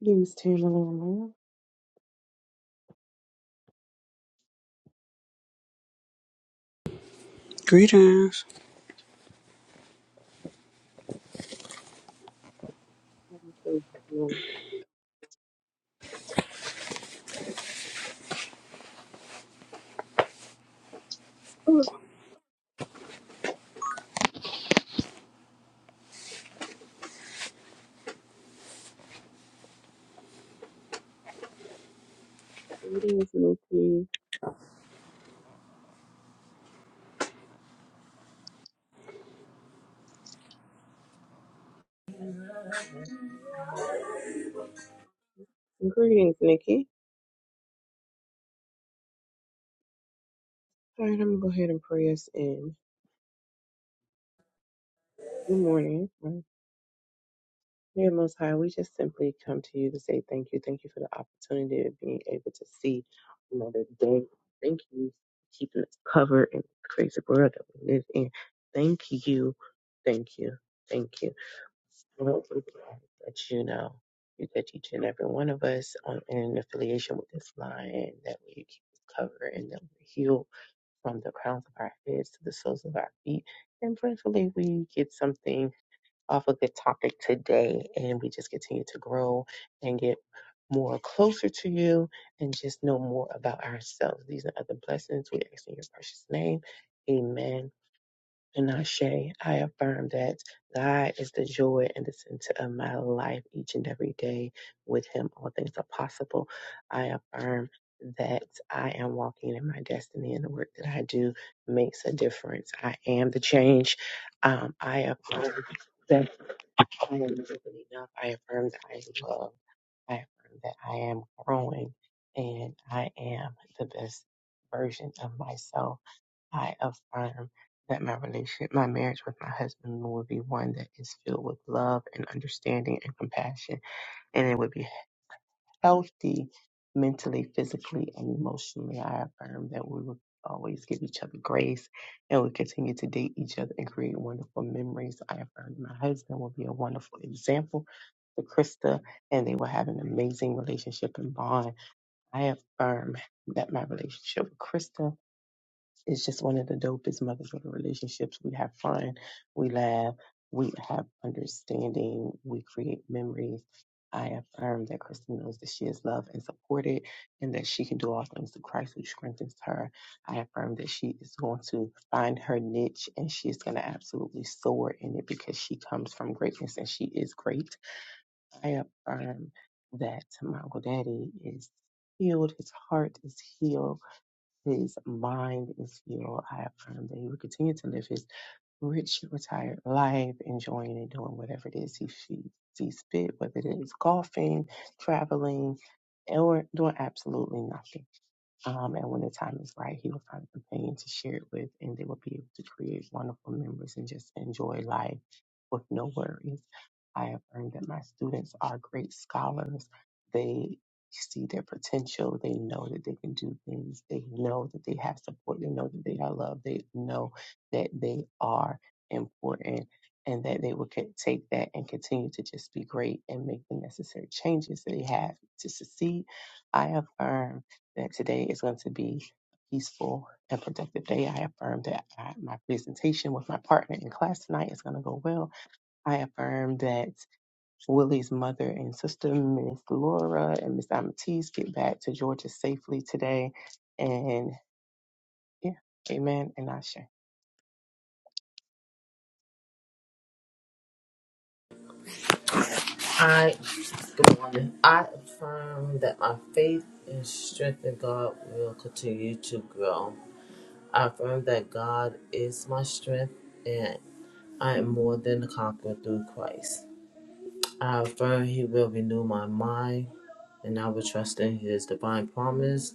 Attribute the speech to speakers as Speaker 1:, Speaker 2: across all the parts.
Speaker 1: Greetings, Tamala.
Speaker 2: Greetings.
Speaker 1: How you feeling? Oh, Greetings, Nikki. And Greetings, Nikki. All right, I'm gonna go ahead and pray us in. Good morning. Right. Dear Most High, we just simply come to you to say thank you. Thank you for the opportunity of being able to see another day. Thank you for keeping us covered in the crazy world that we live in. Thank you. Thank you. Thank you. Well, we that you know you get each and every one of us on, in affiliation with this line that we cover and that we heal from the crowns of our heads to the soles of our feet. And prayerfully, we get something off of the topic today and we just continue to grow and get more closer to you and just know more about ourselves. These are other blessings. We ask in your precious name. Amen. And Ashe, I affirm that God is the joy and the center of my life each and every day. With Him, all things are possible. I affirm that I am walking in my destiny and the work that I do makes a difference. I am the change. Um, I affirm that I am more than enough. I affirm that I am loved. I affirm that I am growing and I am the best version of myself. I affirm that my relationship, my marriage with my husband will be one that is filled with love and understanding and compassion, and it would be healthy mentally, physically, and emotionally. I affirm that we will always give each other grace and we continue to date each other and create wonderful memories. I affirm my husband will be a wonderful example for Krista and they will have an amazing relationship and bond. I affirm that my relationship with Krista it's just one of the dopest mother daughter relationships. We have fun, we laugh, we have understanding, we create memories. I affirm that Kristen knows that she is loved and supported and that she can do all things through Christ who strengthens her. I affirm that she is going to find her niche and she is going to absolutely soar in it because she comes from greatness and she is great. I affirm that my Uncle Daddy is healed, his heart is healed his mind is healed. I affirm that he will continue to live his rich, retired life, enjoying and doing whatever it is he fe- sees fit, whether it is golfing, traveling, or doing absolutely nothing. Um, and when the time is right, he will find a companion to share it with, and they will be able to create wonderful memories and just enjoy life with no worries. I have learned that my students are great scholars. They see their potential. They know that they can do things. They know that they have support. They know that they are loved. They know that they are important and that they will co- take that and continue to just be great and make the necessary changes that they have to succeed. I have learned that today is going to be a peaceful and productive day. I affirm that I, my presentation with my partner in class tonight is going to go well. I affirm that Willie's mother and sister, Miss Laura and Miss Amatis, get back to Georgia safely today. And yeah, amen and Asha.
Speaker 3: I good morning. I affirm that my faith and strength in God will continue to grow. I affirm that God is my strength and I am more than a conqueror through Christ. I affirm He will renew my mind and I will trust in His divine promise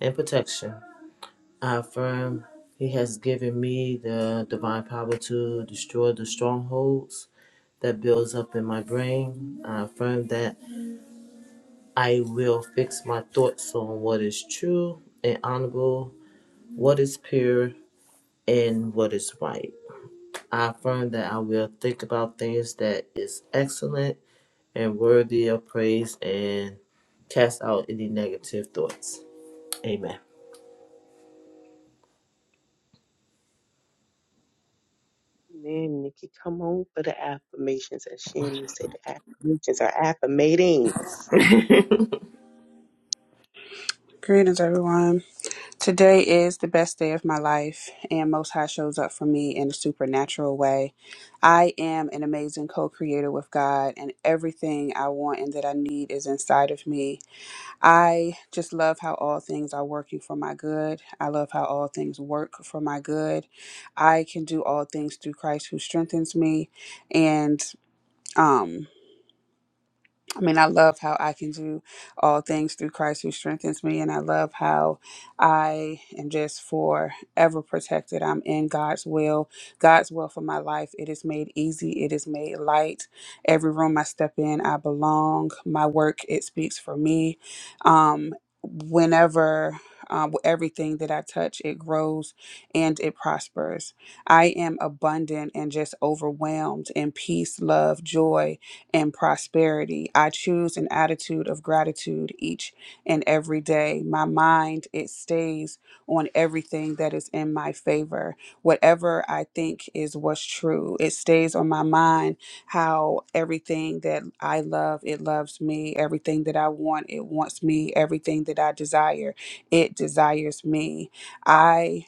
Speaker 3: and protection. I affirm He has given me the divine power to destroy the strongholds that builds up in my brain. I affirm that I will fix my thoughts on what is true and honorable, what is pure, and what is right. I affirm that I will think about things that is excellent and worthy of praise and cast out any negative thoughts. Amen.
Speaker 1: Amen, Nikki. Come on for the affirmations. As Shannon said, the affirmations are affirmating.
Speaker 3: I
Speaker 2: Greetings, everyone. Today is the best day of my life, and Most High shows up for me in a supernatural way. I am an amazing co creator with God, and everything I want and that I need is inside of me. I just love how all things are working for my good. I love how all things work for my good. I can do all things through Christ who strengthens me. And, um. I mean, I love how I can do all things through Christ who strengthens me. And I love how I am just forever protected. I'm in God's will, God's will for my life. It is made easy, it is made light. Every room I step in, I belong. My work, it speaks for me. Um, whenever. Um, everything that I touch, it grows and it prospers. I am abundant and just overwhelmed in peace, love, joy, and prosperity. I choose an attitude of gratitude each and every day. My mind, it stays on everything that is in my favor. Whatever I think is what's true, it stays on my mind how everything that I love, it loves me. Everything that I want, it wants me. Everything that I desire, it desires me. I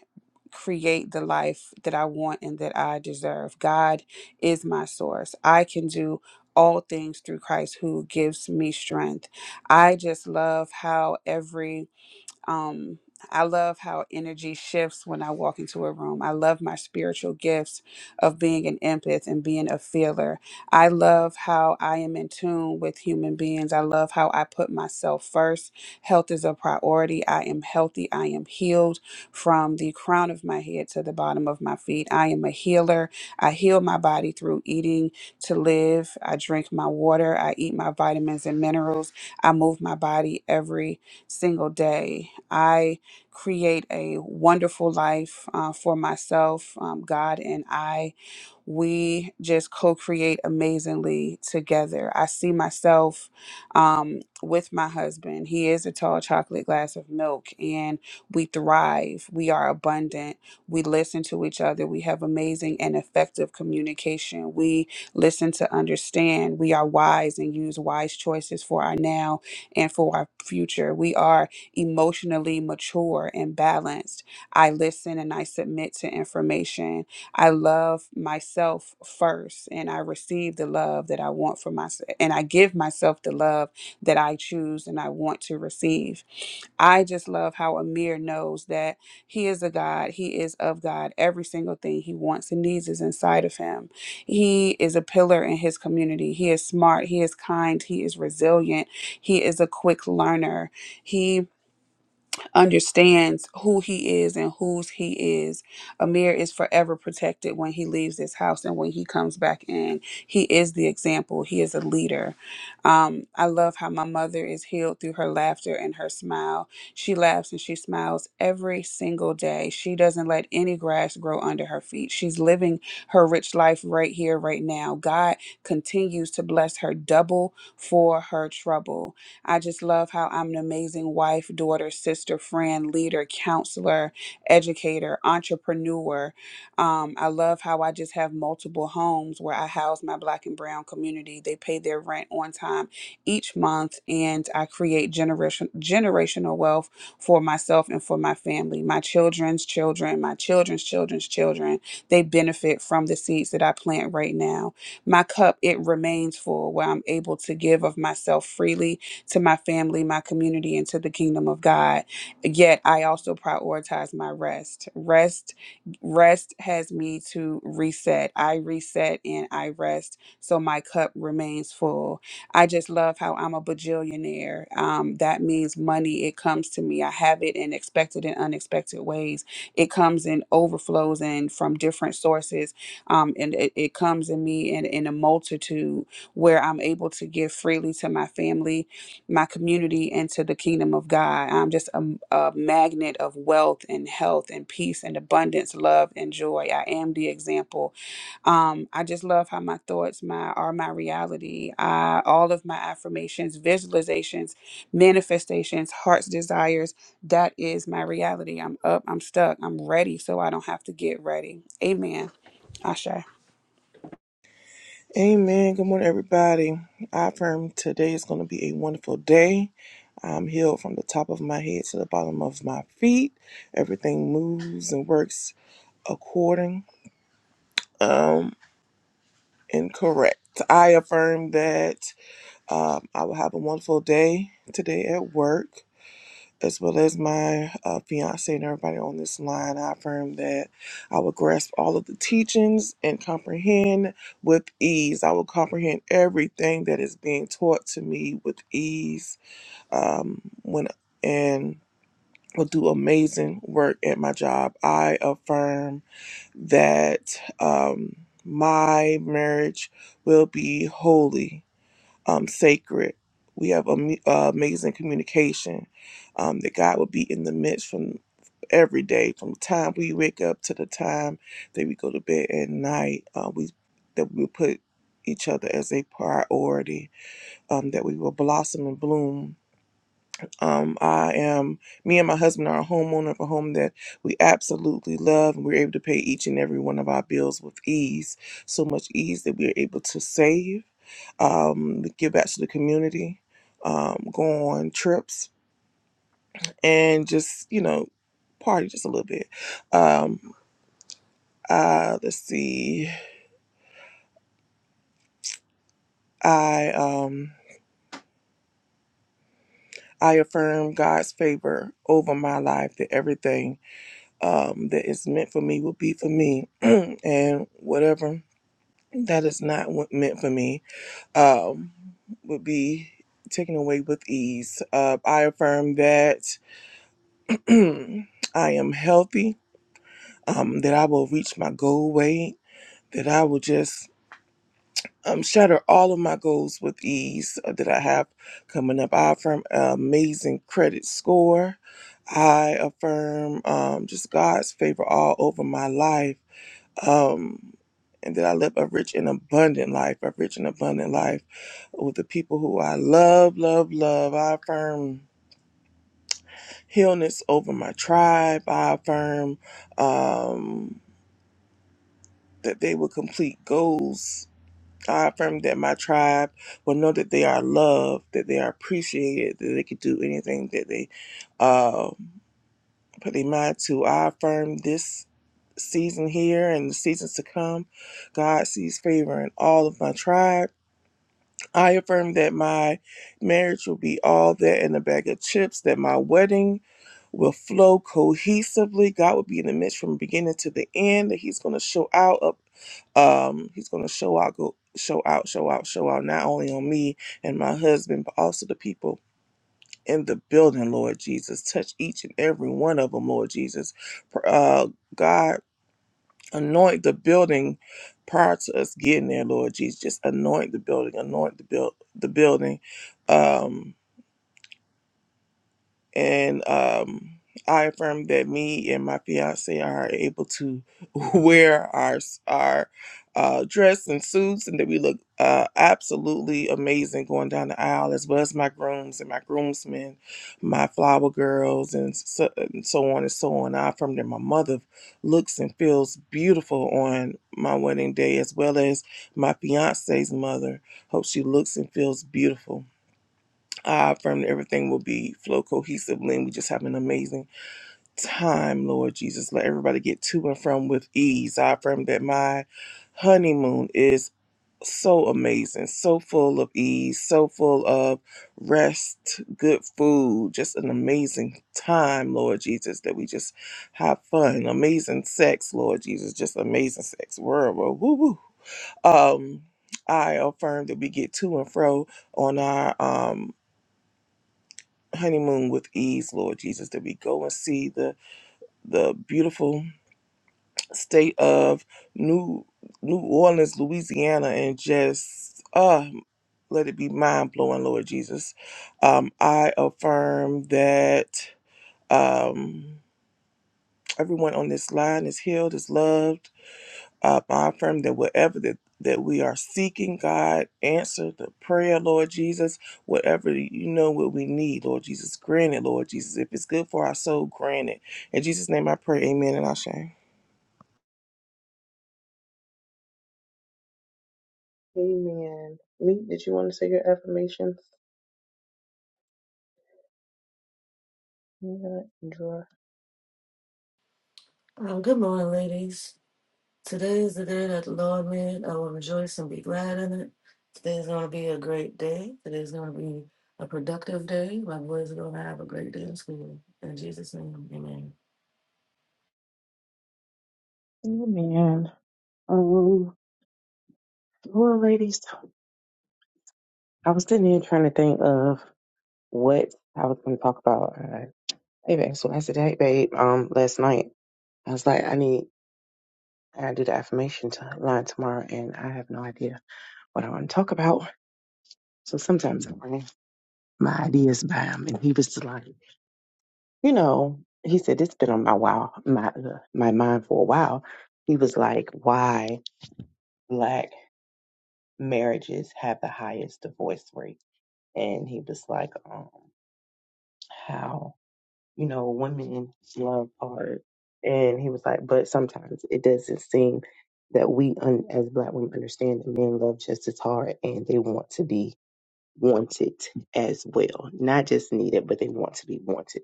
Speaker 2: create the life that I want and that I deserve. God is my source. I can do all things through Christ who gives me strength. I just love how every um, I love how energy shifts when I walk into a room. I love my spiritual gifts of being an empath and being a feeler. I love how I am in tune with human beings. I love how I put myself first. Health is a priority. I am healthy. I am healed from the crown of my head to the bottom of my feet. I am a healer. I heal my body through eating to live. I drink my water. I eat my vitamins and minerals. I move my body every single day. I create a wonderful life uh, for myself, um, God, and I we just co-create amazingly together. I see myself um, with my husband. He is a tall chocolate glass of milk, and we thrive. We are abundant. We listen to each other. We have amazing and effective communication. We listen to understand. We are wise and use wise choices for our now and for our future. We are emotionally mature and balanced. I listen and I submit to information I love myself first and I receive the love that I want for myself and I give myself the love that I choose and I want to receive. I just love how Amir knows that he is a God, he is of God. Every single thing he wants and needs is inside of him. He is a pillar in his community. He is smart, he is kind, he is resilient, he is a quick learner. He understands who he is and whose he is. Amir is forever protected when he leaves this house and when he comes back in. He is the example, he is a leader. Um, I love how my mother is healed through her laughter and her smile. She laughs and she smiles every single day. She doesn't let any grass grow under her feet. She's living her rich life right here, right now. God continues to bless her double for her trouble. I just love how I'm an amazing wife, daughter, sister, friend, leader, counselor, educator, entrepreneur. Um, I love how I just have multiple homes where I house my black and brown community. They pay their rent on time each month, and I create generation, generational wealth for myself and for my family, my children's children, my children's children's children. They benefit from the seeds that I plant right now. My cup, it remains full where I'm able to give of myself freely to my family, my community, and to the kingdom of God. Yet I also prioritize my rest. Rest, rest has me to reset. I reset and I rest, so my cup remains full. I just love how I'm a bajillionaire. Um, that means money. It comes to me. I have it in expected and unexpected ways. It comes in overflows and from different sources. Um, and it, it comes in me in, in a multitude where I'm able to give freely to my family my community into the kingdom of God. I'm just a, a magnet of wealth and health and peace and abundance, love and joy. I am the example. Um, I just love how my thoughts my are my reality. I, all of my affirmations, visualizations, manifestations, heart's desires, that is my reality. I'm up, I'm stuck, I'm ready so I don't have to get ready. Amen. Asha.
Speaker 4: Amen. Good morning, everybody. I affirm today is going to be a wonderful day. I'm healed from the top of my head to the bottom of my feet. Everything moves and works according um, and correct. I affirm that um, I will have a wonderful day today at work. as well as my uh, fiance and everybody on this line, I affirm that I will grasp all of the teachings and comprehend with ease. I will comprehend everything that is being taught to me with ease. Um, when and will do amazing work at my job. I affirm that um, my marriage will be holy um, sacred. We have am- uh, amazing communication um, that God will be in the midst from every day, from the time we wake up to the time that we go to bed at night. Uh, we that we put each other as a priority. Um, that we will blossom and bloom. Um, I am me and my husband are a homeowner of a home that we absolutely love, and we're able to pay each and every one of our bills with ease. So much ease that we are able to save um, give back to the community, um, go on trips, and just you know party just a little bit. Um, uh, let's see, I um, I affirm God's favor over my life that everything um, that is meant for me will be for me, and whatever that is not wa- meant for me um, would be taken away with ease. Uh, I affirm that I am healthy. um, that I will reach my goal weight, that I will just um, shatter all of my goals with ease uh, that I have coming up. I affirm an amazing credit score. I affirm um, just God's favor all over my life. Um, and that I live a rich and abundant life, a rich and abundant life with the people who I love, love, love. I affirm healness over my tribe. I affirm um, that they will complete goals I affirm that my tribe will know that they are loved, that they are appreciated, that they can do anything that they uh, put their mind to. I affirm this season here and the seasons to come. God sees favor in all of my tribe. I affirm that my marriage will be all that in a bag of chips, that my wedding will flow cohesively. God will be in the midst from beginning to the end, that He's going to show out up um he's going to show out go show out show out show out not only on me and my husband but also the people in the building lord jesus touch each and every one of them lord jesus Pr- uh god Anoint the building prior to us getting there, Lord Jesus. Just anoint the building, anoint the build the building. Um and um, I affirm that me and my fiance are able to wear our our uh, dress and suits, and that we look uh, absolutely amazing going down the aisle, as well as my grooms and my groomsmen, my flower girls, and so, and so on and so on. I affirm that my mother looks and feels beautiful on my wedding day, as well as my fiance's mother. Hope she looks and feels beautiful. I affirm that everything will be flow cohesively, and we just have an amazing time, Lord Jesus. Let everybody get to and from with ease. I affirm that my honeymoon is so amazing, so full of ease, so full of rest, good food, just an amazing time, Lord Jesus, that we just have fun, amazing sex, Lord Jesus, just amazing sex. Word, word, woo, woo. Um, I affirm that we get to and fro on our um honeymoon with ease, Lord Jesus, that we go and see the the beautiful state of New New Orleans, Louisiana, and just uh let it be mind blowing, Lord Jesus. Um, I affirm that um everyone on this line is healed, is loved Um, I affirm that whatever that, that we are seeking, God, answer the prayer, Lord Jesus. Whatever you know what we need, Lord Jesus, grant it, Lord Jesus. If it's good for our soul, grant it. In Jesus' name I pray, amen and Ashe.
Speaker 1: Amen. Meek, did you want to say your affirmations? Yeah, Dora.
Speaker 5: Um, good morning, ladies. Today is the day that the Lord made. I will rejoice and be glad in it. Today is going to be a great day. Today is going to be a productive day. My boys are going to have a great day in school. In Jesus' name, amen.
Speaker 1: Amen. Um, well, ladies, I was sitting here trying to think of what I was going to talk about. Uh, hey, babe, so I said, hey, babe, um, last night I was like, I need, I gotta do the affirmation to line tomorrow, and I have no idea what I want to talk about. So sometimes I bring my ideas by him, and he was just like, you know, he said it's been on my wow, my uh, my mind for a while. He was like, why black marriages have the highest divorce rate, and he was like, um, how you know, women's love hard. And he was like, but sometimes it doesn't seem that we, un- as black women, understand that men love just as hard and they want to be wanted as well. Not just needed, but they want to be wanted.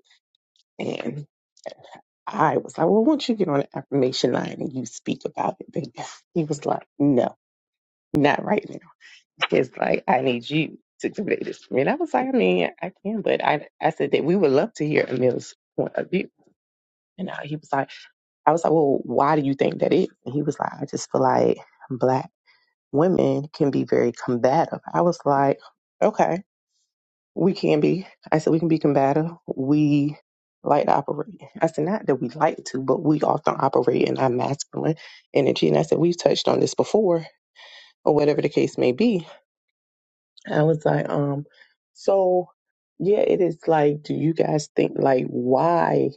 Speaker 1: And I was like, well, once you get on the affirmation line and you speak about it, baby. He was like, no, not right now. It's like, I need you to convey this to me. And I was like, I mean, I can, but I, I said that we would love to hear Emil's point of view. And uh, he was like. I was like, well, why do you think that is? And he was like, I just feel like black women can be very combative. I was like, okay, we can be. I said, we can be combative. We like to operate. I said, not that we like to, but we often operate in our masculine energy. And I said, we've touched on this before, or whatever the case may be. I was like, um, so yeah, it is like, do you guys think like why?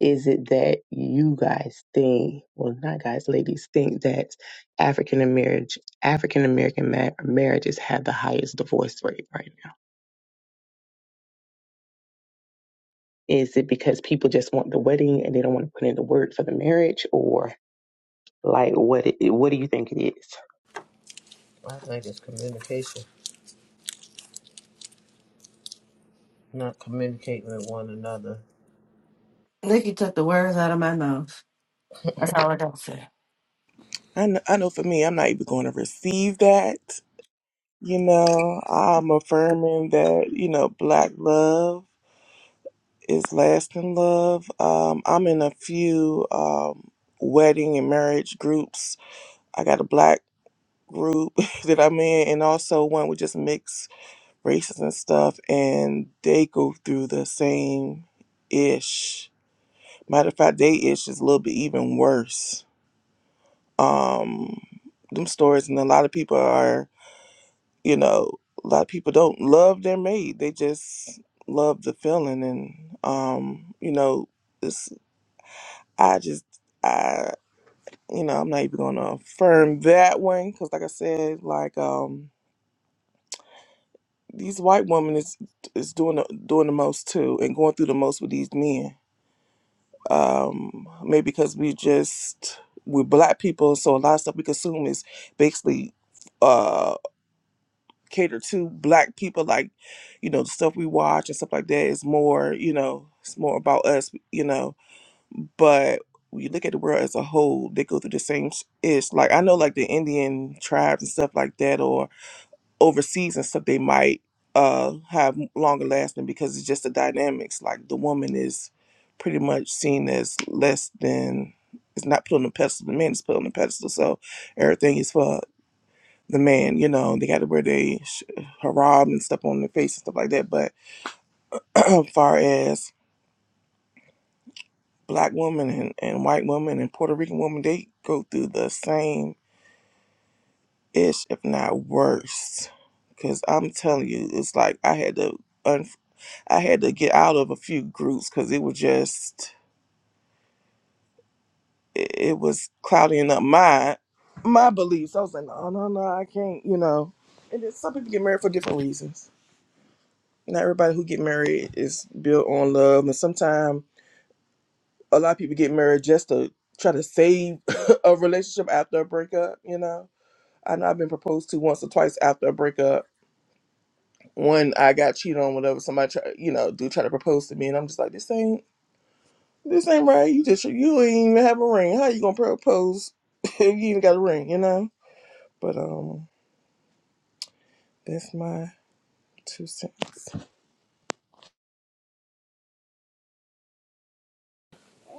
Speaker 1: Is it that you guys think, well, not guys, ladies, think that African American African American ma- marriages have the highest divorce rate right now? Is it because people just want the wedding and they don't want to put in the work for the marriage, or like what? It, what do you think it is?
Speaker 3: think it's communication, not communicating with one another.
Speaker 5: Nikki took the words out of my mouth. That's all I got to say.
Speaker 4: I know, I know for me, I'm not even going to receive that. You know, I'm affirming that, you know, black love is lasting love. Um, I'm in a few um, wedding and marriage groups. I got a black group that I'm in, and also one with just mixed races and stuff, and they go through the same ish. Matter of fact, they ish is a little bit even worse. Um, them stories, and a lot of people are, you know, a lot of people don't love their mate. They just love the feeling, and um, you know, it's I just I you know I'm not even gonna affirm that one because, like I said, like um. these white women is is doing the, doing the most too and going through the most with these men um maybe because we just we're black people so a lot of stuff we consume is basically uh catered to black people like you know the stuff we watch and stuff like that is more you know it's more about us you know but when you look at the world as a whole they go through the same sh- ish like i know like the indian tribes and stuff like that overseas and stuff they might uh have longer lasting because it's just the dynamics like the woman is pretty much seen as less than it's not put on the pedestal the man is put on the pedestal so everything is for the man you know they got to wear their sh- harab and stuff on their face and stuff like that but as far as black women and, and white women and puerto rican women they go through the same ish if not worse because i'm telling you it's like i had to un. I had to get out of a few groups because it was just it, it was clouding up my my beliefs. I was like, no, no, no, I can't, you know. And then some people get married for different reasons. Not everybody who get married is built on love, and sometimes a lot of people get married just to try to save a relationship after a breakup. You know, I know I've been proposed to once or twice after a breakup. One, I got cheated on, whatever. Somebody, try, you know, do try to propose to me, and I'm just like, this ain't This ain't right. You just you ain't even have a ring. How you gonna propose if you ain't got a ring? You know. But um, that's my two cents.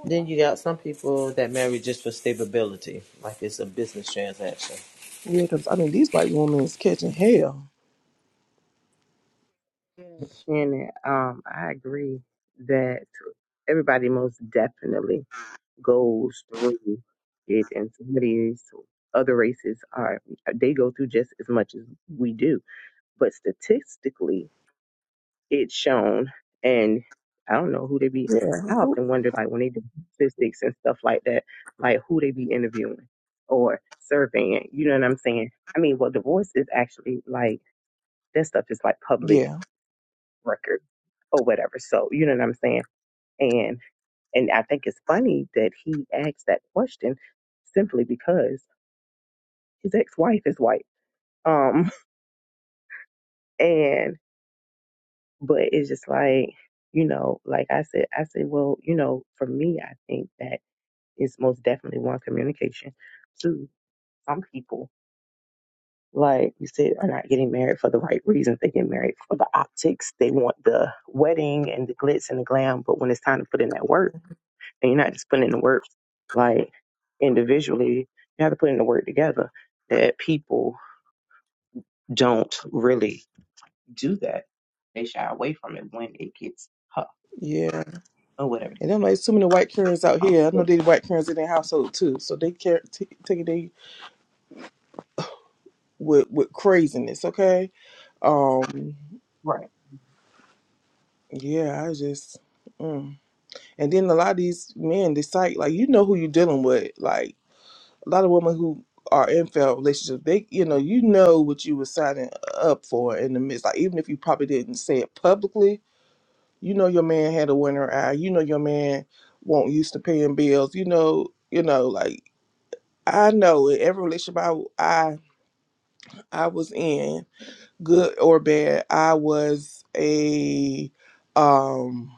Speaker 3: Then you got some people that marry just for stability, like it's a business transaction.
Speaker 4: Yeah, cause I mean these white women is catching hell.
Speaker 1: Yeah, Shannon, um, I agree that everybody most definitely goes through it, and some of these other races are they go through just as much as we do but statistically it's shown and i don't know who they be
Speaker 4: Yeah.
Speaker 1: i often wonder like when they do statistics and stuff like that like who they be interviewing or surveying you know what i'm saying i mean well divorce is actually like that stuff is like public
Speaker 4: Yeah.
Speaker 1: record or whatever so you know what i'm saying and and i think it's funny that he asked that question simply because his ex-wife is white um But it's just like, you know, like I said, I said, well, you know, for me, I think that it's most definitely one communication. Two, some people, like you said, are not getting married for the right reasons. They get married for the optics. They want the wedding and the glitz and the glam. But when it's time to put in that work, and you're not just putting in the work like individually, you have to put in the work together. That people don't really do that. They shy away from it when it gets tough
Speaker 4: Yeah.
Speaker 1: or whatever it
Speaker 4: And
Speaker 1: is.
Speaker 4: I'm like, too many white Karens out here. I
Speaker 1: Um,
Speaker 4: know they white Karens in their household too, so they care t- take it they with with craziness. Okay. Um.
Speaker 1: Right.
Speaker 4: Yeah. I just. Mm. And then a lot of these men decide, like, you know who you're dealing with. Like, a lot of women who are in failed relationships, they you know, you know what you were signing up for in the midst. Like even if you probably didn't say it publicly, you know your man had a winter eye, you know your man won't used to paying bills, you know, you know, like I know in every relationship I I I was in, good or bad, I was a um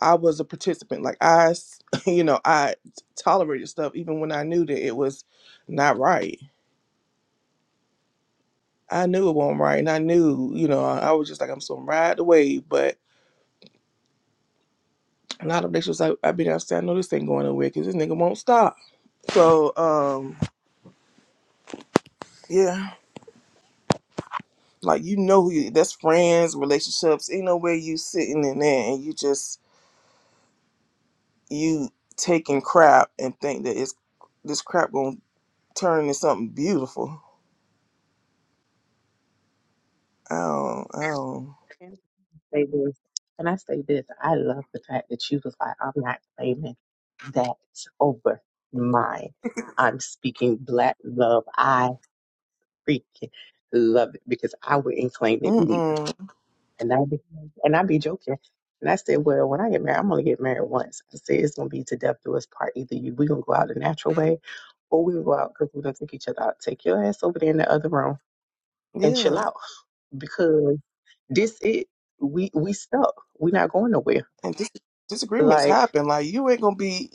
Speaker 4: I was a participant. Like I, s- you know, I tolerated stuff even when I knew that it was not right. I knew it wasn't right, and I knew, you know, I, was just like, I'm so ride the wave. But a lot of bitches was like, I been outside, I know this thing going nowhere because this nigga won't stop. So, um, yeah, like you know who you, that's friends, relationships, ain't no way you sitting in there and you just you taking crap and think that it's this crap gonna turn into something beautiful. I don't, I don't,
Speaker 1: And I say this, and I say this, I love the fact that you was like, I'm not claiming that over mine. I'm speaking black love. I freaking love it because I wouldn't claim it
Speaker 4: mm
Speaker 1: neither.
Speaker 4: mm,
Speaker 1: And I be, and I be joking. And I said, well, when I get married, I'm only get married once. I said it's gonna be to death do us part. Either you, we gonna go out the natural way, or we gonna go out because we're gonna take each other out. Take your ass over there in the other room and
Speaker 4: yeah.
Speaker 1: chill out. because this it we we stuck. We're not going nowhere.
Speaker 4: and dis- disagreements
Speaker 1: Like
Speaker 4: happen. Like you ain't gonna be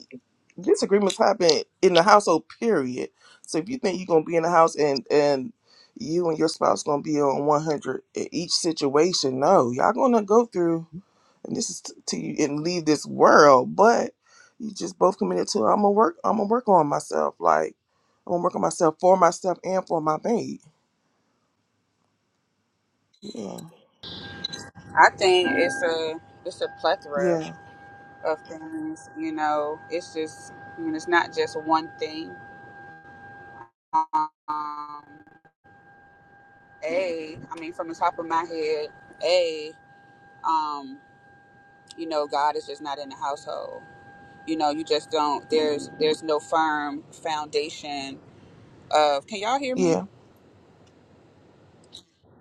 Speaker 4: disagreements happen in the household. Period. So if you think you're gonna be in the house and and you and your spouse gonna be on 100 in each situation, no, y'all gonna go through. And this is t- to you and leave this world, but you just both committed to. I'm gonna work. I'm gonna work on myself. Like I'm gonna work on myself for myself and for my babe. Yeah,
Speaker 2: I think it's a it's a plethora.
Speaker 4: yeah,
Speaker 2: of things. You know, it's just, I mean, it's not just one thing. Um, a, I mean, from the top of my head, a, um, you know, God is just not in the household. You know, you just don't. There's there's no firm foundation of. Can y'all hear me?
Speaker 4: yeah.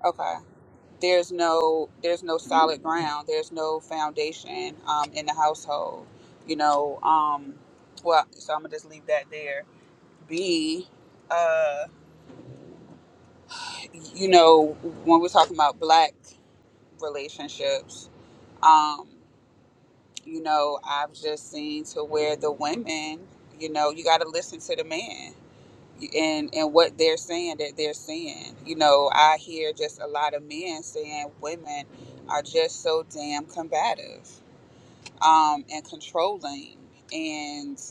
Speaker 2: Okay. There's no there's no solid ground. There's no foundation um, in the household. You know. Um, well, so I'm gonna just leave that there. B. uh, you know, when we're talking about black relationships, um, you know, I've just seen to where the women, you know, you got to listen to the man and and what they're saying that they're saying. You know, I hear just a lot of men saying women are just so damn combative um, and controlling, and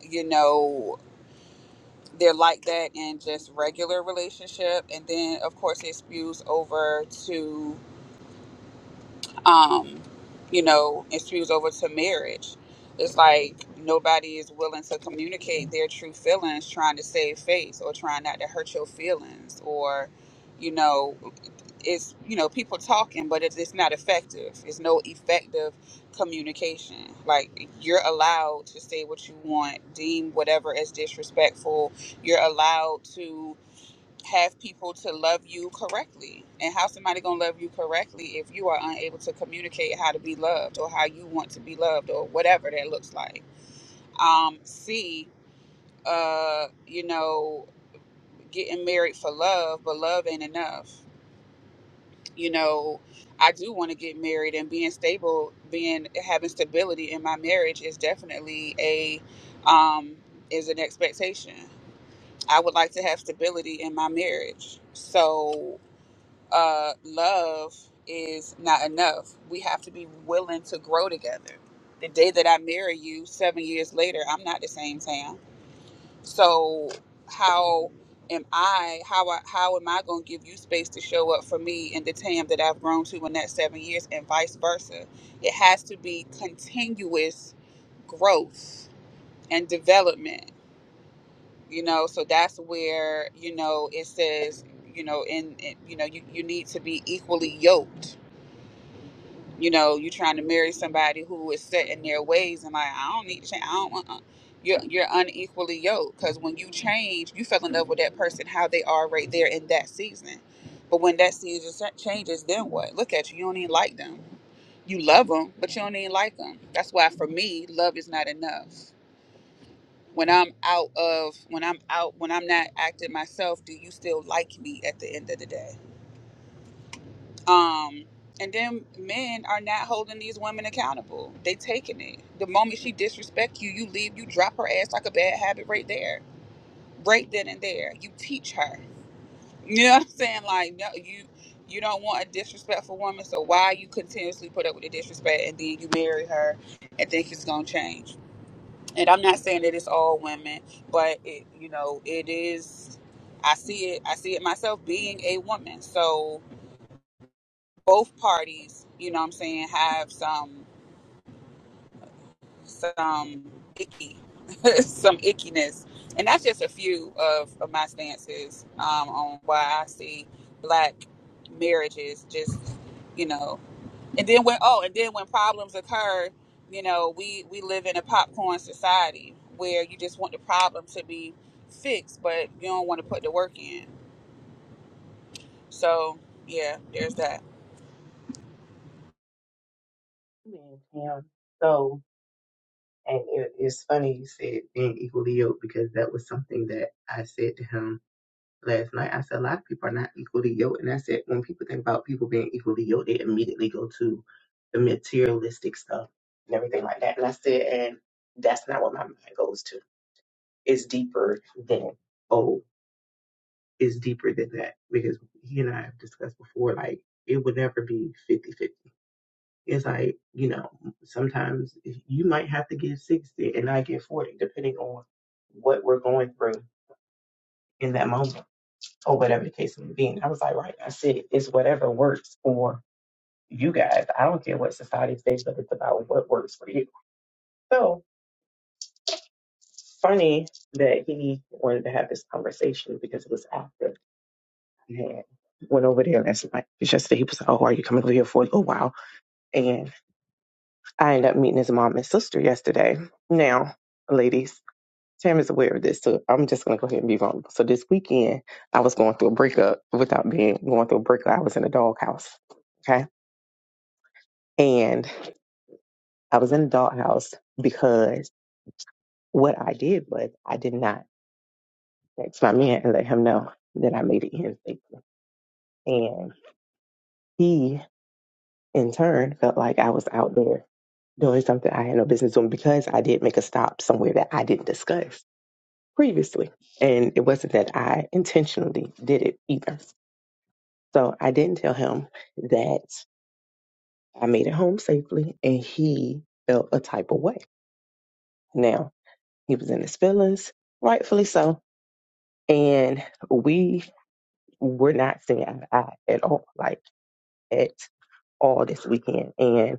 Speaker 2: you know. They're like that in just regular relationship, and then of course it spews over to um, you know, and spews over to marriage. It's like nobody is willing to communicate their true feelings, trying to save face or trying not to hurt your feelings, or you know, it's you know people talking, but it's, it's not effective. It's no effective communication. Like you're allowed to say what you want, deem whatever as disrespectful. You're allowed to have people to love you correctly. And how somebody gonna love you correctly if you are unable to communicate how to be loved or how you want to be loved or whatever that looks like. Um, C, uh, you know, getting married for love, but love ain't enough. You know, I do want to get married and being stable, being having stability in my marriage is definitely a um, is an expectation. I would like to have stability in my marriage. So uh, love is not enough. We have to be willing to grow together. The day that I marry you, seven years later, I'm not the same Sam. So how am I? How I, how am I going to give you space to show up for me in the Tam that I've grown to in that seven years, and vice versa? It has to be continuous growth and development. You know, so that's where you know it says you know in, in you know you, you need to be equally yoked You know, you trying to marry somebody who is set in their ways and like, I don't need to change. I don't want. uh You're you're unequally yoked because when you change, you fell in love with that person how they are right there in that season. But when that season sa- changes, then what? Look at you. You don't even like them. You love them, but you don't even like them. That's why for me, love is not enough. When I'm out of, when I'm out, when I'm not acting myself, do you still like me at the end of the day? Um, and then men are not holding these women accountable. They taking it. The moment she disrespect you, you leave, you drop her ass like a bad habit right there, right then and there. You teach her. You know what I'm saying? Like, no, you you don't want a disrespectful woman, so why you continuously put up with the disrespect and then you marry her and think it's gonna change? And I'm not saying that it's all women, but it, you know, it is. I see it. I see it myself being a woman. So both parties, you know what I'm saying, have some some icky some ickiness. And that's just a few of, of my stances um, on why I see black marriages just, you know. And then when oh, and then when problems occur, you know, we we live in a popcorn society where you just want the problem to be fixed, but you don't want to put the work in. So, yeah, there's that.
Speaker 1: man, Tam. So and it, it's funny you said being equally yoked because that was something that I said to him last night. I said a lot of people are not equally yoked, and I said when people think about people being equally yoked, they immediately go to the materialistic stuff and everything like that. And I said, and that's not what my mind goes to. It's deeper than oh. is deeper than that because he and I have discussed before, like it would never be 50 50. It's like, you know, sometimes you might have to give 60 and I get 40, depending on what we're going through in that moment or whatever the case may be. And I was like, right, I said, it's whatever works for you guys. I don't care what society says, but it's about what works for you. So funny that he wanted to have this conversation because it was after. Yeah. Went over there last night. Just yesterday, he was like, "Oh, are you coming over here for a little while?" And I ended up meeting his mom and sister yesterday. Now, ladies, Tam is aware of this, so I'm just gonna go ahead and be vulnerable. So this weekend, I was going through a breakup without being going through a breakup. I was in a doghouse. Okay, and I was in a doghouse because what I did was I did not text my man and let him know that I made it in safely, and he in turn felt like I was out there doing something I had no business doing because I did make a stop somewhere that I didn't discuss previously. And it wasn't that I intentionally did it either. So I didn't tell him that I made it home safely and he felt a type of way. Now, he was in his feelings, rightfully so. And we were not seeing eye to eye at all, like at all this weekend. and.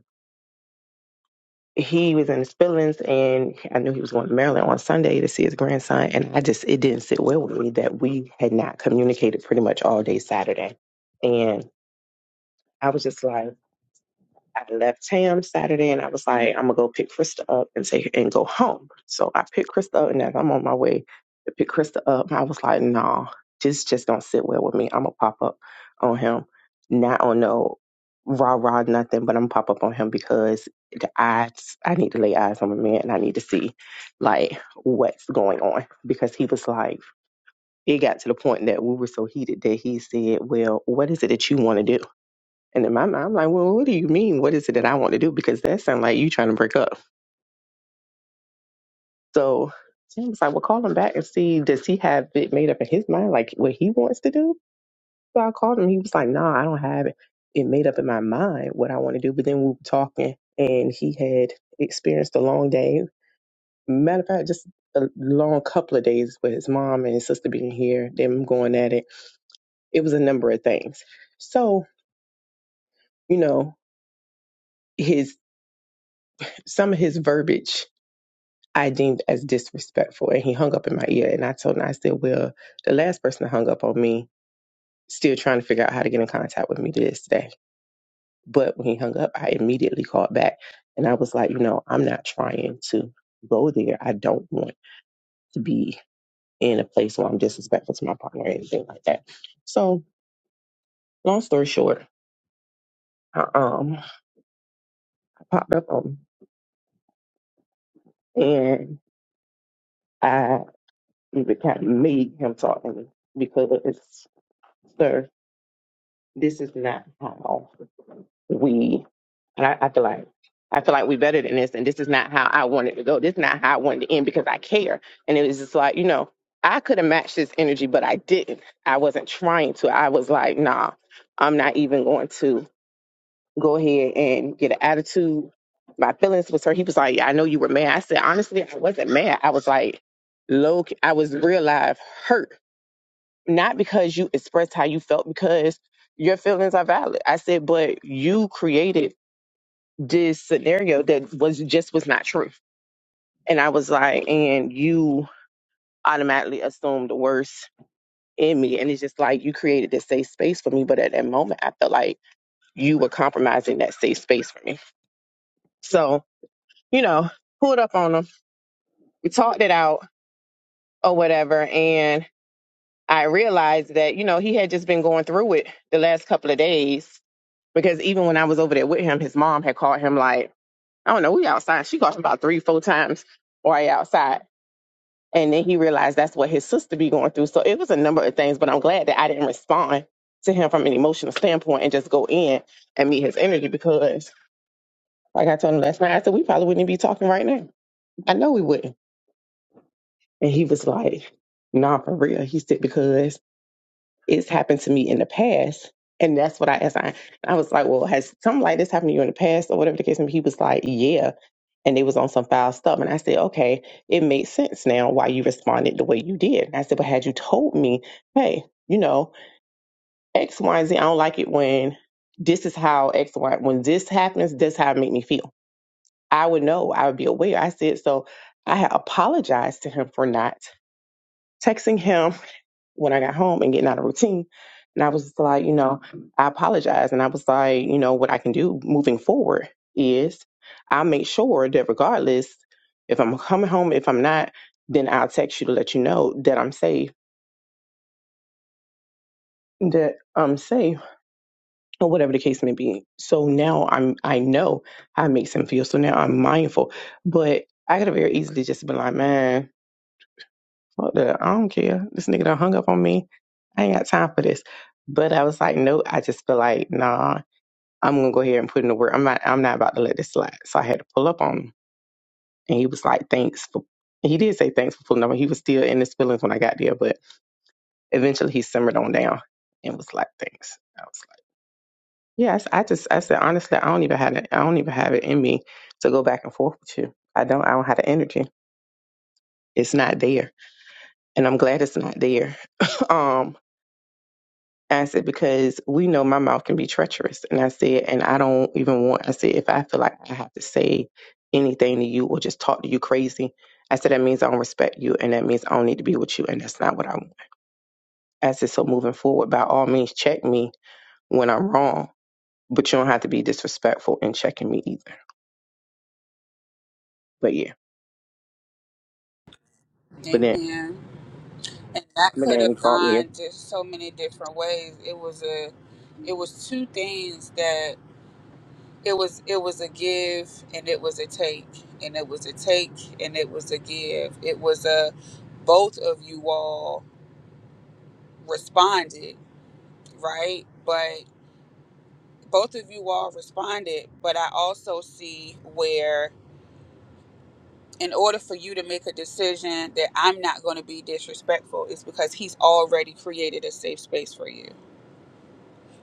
Speaker 1: he was in his feelings and I knew he was going to Maryland on Sunday to see his grandson. And I just, it didn't sit well with me that we had not communicated pretty much all day Saturday. And I was just like, I left Tam Saturday and I was like, I'm gonna go pick Krista up and take and go home. So I picked Krista up and as I'm on my way to pick Krista up, I was like, no, nah, this just don't sit well with me. I'm gonna pop up on him. Not on no rah rah nothing, but I'm gonna pop up on him because the eyes I need to lay eyes on my man and I need to see like what's going on. Because he was like it got to the point that we were so heated that he said, Well, what is it that you want to do? And in my mind, I'm like, well, what do you mean? What is it that I want to do? Because that sounds like you trying to break up. So Sam was like, well, call him back and see, does he have it made up in his mind, like what he wants to do? So I called him. He was like, no, I don't have it, it made up in my mind what I want to do. But then we were talking, and he had experienced a long day. Matter of fact, just a long couple of days with his mom and his sister being here, them going at it. It was a number of things. So, you know, his some of his verbiage I deemed as disrespectful. And he hung up in my ear. And I told him, I said, Well, the last person that hung up on me, still trying to figure out how to get in contact with me to this day. But when he hung up, I immediately called back. And I was like, You know, I'm not trying to go there. I don't want to be in a place where I'm disrespectful to my partner or anything like that. So, long story short, I um, popped up on him and I even kind of made him talk to me because, sir, this is not how. we and I, I feel like I feel like we better than this and this is not how I wanted to go. This is not how I wanted to end because I care. And it was just like, you know, I could have matched this energy, but I didn't. I wasn't trying to. I was like, nah, I'm not even going to go ahead and get an attitude. My feelings was hurt. He was like, "Yeah, I know you were mad. I said, honestly, I wasn't mad. I was like low I was real life hurt. Not because you expressed how you felt, because your feelings are valid. I said, but you created this scenario that was just was not true. And I was like, and you automatically assumed the worst in me. And it's just like you created this safe space for me. But at that moment I felt like you were compromising that safe space for me. So, you know, pulled up on him. We talked it out or whatever. And I realized that, you know, he had just been going through it the last couple of days. Because even when I was over there with him, his mom had called him like, I don't know, we outside. She called him about three, four times or I outside. And then he realized that's what his sister be going through. So it was a number of things, but I'm glad that I didn't respond to him from an emotional standpoint and just go in and meet his energy because, like I told him last night, I said, we probably wouldn't be talking right now. I know we wouldn't. And he was like, nah, for real. He said, because it's happened to me in the past. And that's what I asked. I, I was like, well, has something like this happened to you in the past or whatever the case? And he was like, yeah. and they was on some foul stuff. And I said, okay, it made sense now why you responded the way you did. And I said, but had you told me, hey, you know, X, Y, and Z, I don't like it when this is how X, Y, when this happens, this is how it made me feel. I would know. I would be aware. I said, so I had apologized to him for not texting him when I got home and getting out of routine. And I was like, you know, I apologize. And I was like, you know, what I can do moving forward is I'll make sure that regardless if I'm coming home, if I'm not, then I'll text you to let you know that I'm safe, that I'm safe, or whatever the case may be. So now I'm I know how it makes him feel. So now I'm mindful. But I could have very easily just been like, man, Fuck that. I don't care. This nigga done hung up on me. I ain't got time for this. But I was like, no, I just feel like, nah, I'm gonna go ahead and put in the work. I'm not I'm not about to let this slide. So I had to pull up on him. And he was like, Thanks for he did say thanks for pulling up. He was still in his feelings when I got there, but eventually he simmered on down and was like, Thanks. I was like, Yes, I just I said honestly, I don't even have it I don't even have it in me to go back and forth with you. I don't I don't have the energy. It's not there. And I'm glad it's not there. um And I said, because we know my mouth can be treacherous. And I said, and I don't even want, I said, if I feel like I have to say anything to you or just talk to you crazy, I said, that means I don't respect you and that means I don't need to be with you. And that's not what I want. I said, so moving forward, by all means, check me when I'm wrong, but you don't have to be disrespectful in checking me either. But yeah, but then,
Speaker 2: Amen. and that
Speaker 1: but
Speaker 2: could
Speaker 1: then he
Speaker 2: have
Speaker 1: called me.
Speaker 2: gone just so many different ways it was a it was two things that it was it was a give and it was a take and it was a take and it was a give it was a both of you all responded right but both of you all responded but i also see where in order for you to make a decision that i'm not going to be disrespectful is because he's already created a safe space for you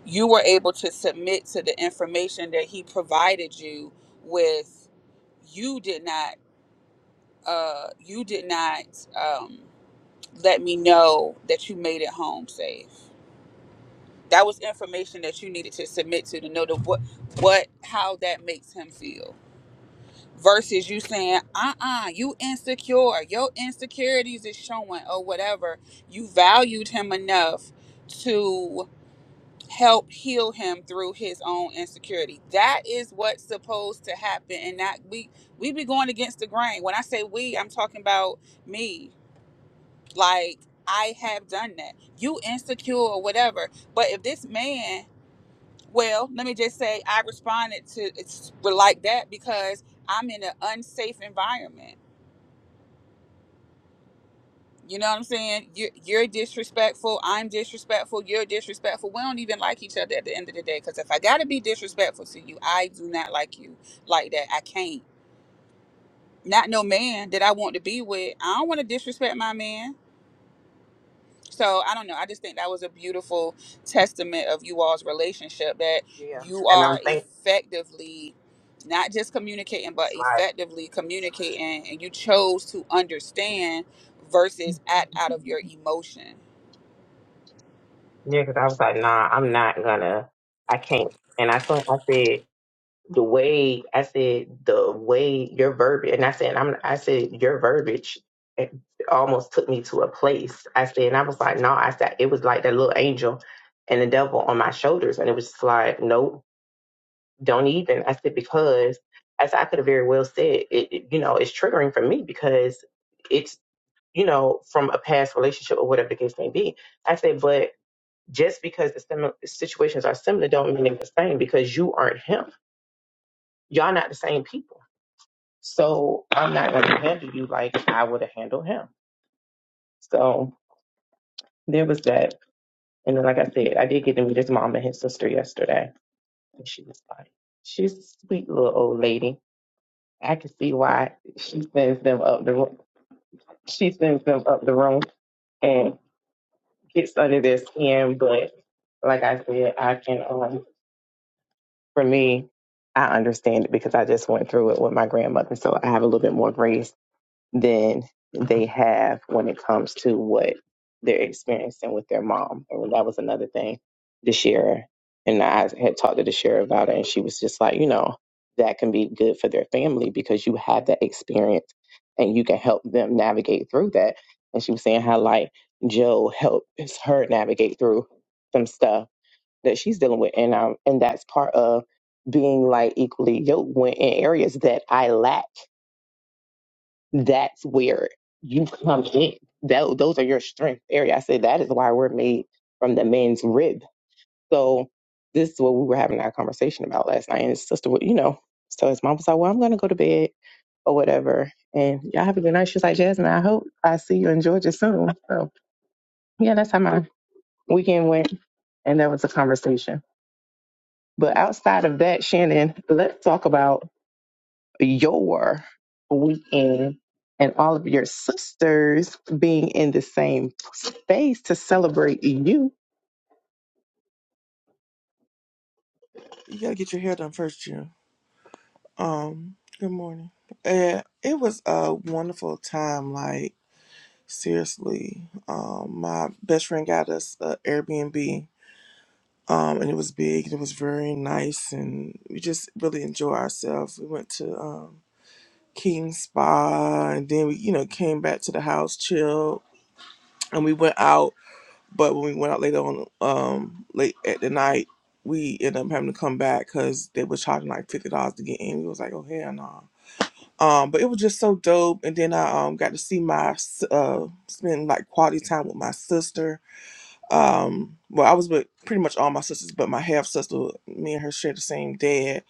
Speaker 2: you were able to submit to the information that he provided you with you did not uh you did not um let me know that you made it home safe that was information that you needed to submit to to know the what what how that makes him feel versus you saying uh-uh you insecure your insecurities is showing or whatever you valued him enough to. help heal him through his own insecurity. That is what's supposed to happen and not we we be going against the grain. When I say we, I'm talking about me. Like I have done that. You insecure or whatever. But if this man, well, let me just say I responded to it's like that because I'm in an unsafe environment. You know what I'm saying? You're, you're disrespectful. I'm disrespectful. You're disrespectful. We don't even like each other at the end of the day. Because if I got to be disrespectful to you, I do not like you like that. I can't. Not no man that I want to be with. I don't want to disrespect my man. So I don't know. I just think that was a beautiful testament of you all's relationship that
Speaker 1: Yeah.
Speaker 2: you
Speaker 1: And
Speaker 2: are
Speaker 1: I'm thinking
Speaker 2: effectively not just communicating, but
Speaker 1: Like,
Speaker 2: effectively communicating. And you chose to understand versus act out of your emotion
Speaker 1: yeah, because I was like, nah, I'm not gonna, I can't. And I thought I said, the way I said the way your verbiage, and I said I'm, I said your verbiage it almost took me to a place. I said, and I was like, no, I said it was like that little angel and the devil on my shoulders, and it was just like, nope, don't even. I said because I said I could have very well said it, it- you know, it's triggering for me because it's you know from a past relationship or whatever the case may be. I said, but just because the sim- situations are similar, don't mean they're the same because you aren't him. Y'all not the same people so I'm not going to handle you like I would have handled him. So there was that. And then, like I said, I did get to meet his mom and his sister yesterday. And she was like, she's a sweet little old lady. I can see why she sends them up the room. She sends them up the room and gets under their skin. But like I said, I can, um, for me, I understand it because I just went through it with my grandmother. So I have a little bit more grace than they have when it comes to what they're experiencing with their mom. And that was another thing this year. And I had talked to Deshira about it, and she was just like, you know, that can be good for their family because you have that experience and you can help them navigate through that. And she was saying how, like, Joe helps her navigate through some stuff that she's dealing with. And, um, and that's part of being like equally yoked when in areas that I lack that's where you come in. That those are your strength area. I said that is why we're made from the men's rib. So this is what we were having our conversation about last night. And his sister, would- you know, so his mom was like, "Well, I'm gonna go to bed or whatever." And y'all have a good night. She's like, "Jasmine, I hope I see you in Georgia soon." So yeah, that's how my weekend went, and that was a conversation. But outside of that, Shannon, let's talk about your weekend and all of your sisters being in the same space to celebrate you.
Speaker 4: You gotta get your hair done first, June. Um, good morning. Uh, it was a wonderful time. Like seriously, um, my best friend got us a Airbnb. Um, and it was big. and It was very nice, and we just really enjoyed ourselves. We went to um, King Spa, and then we, you know, came back to the house, chilled, and we went out. But when we went out later on, um, late at the night, we ended up having to come back because they were charging like fifty dollars to get in. We was like, oh hell no Um, but it was just so dope. And then I um got to see my s- uh spend like quality time with my sister. Um, well, I was with pretty much all my sisters, but my half sister, me and her shared the same dad.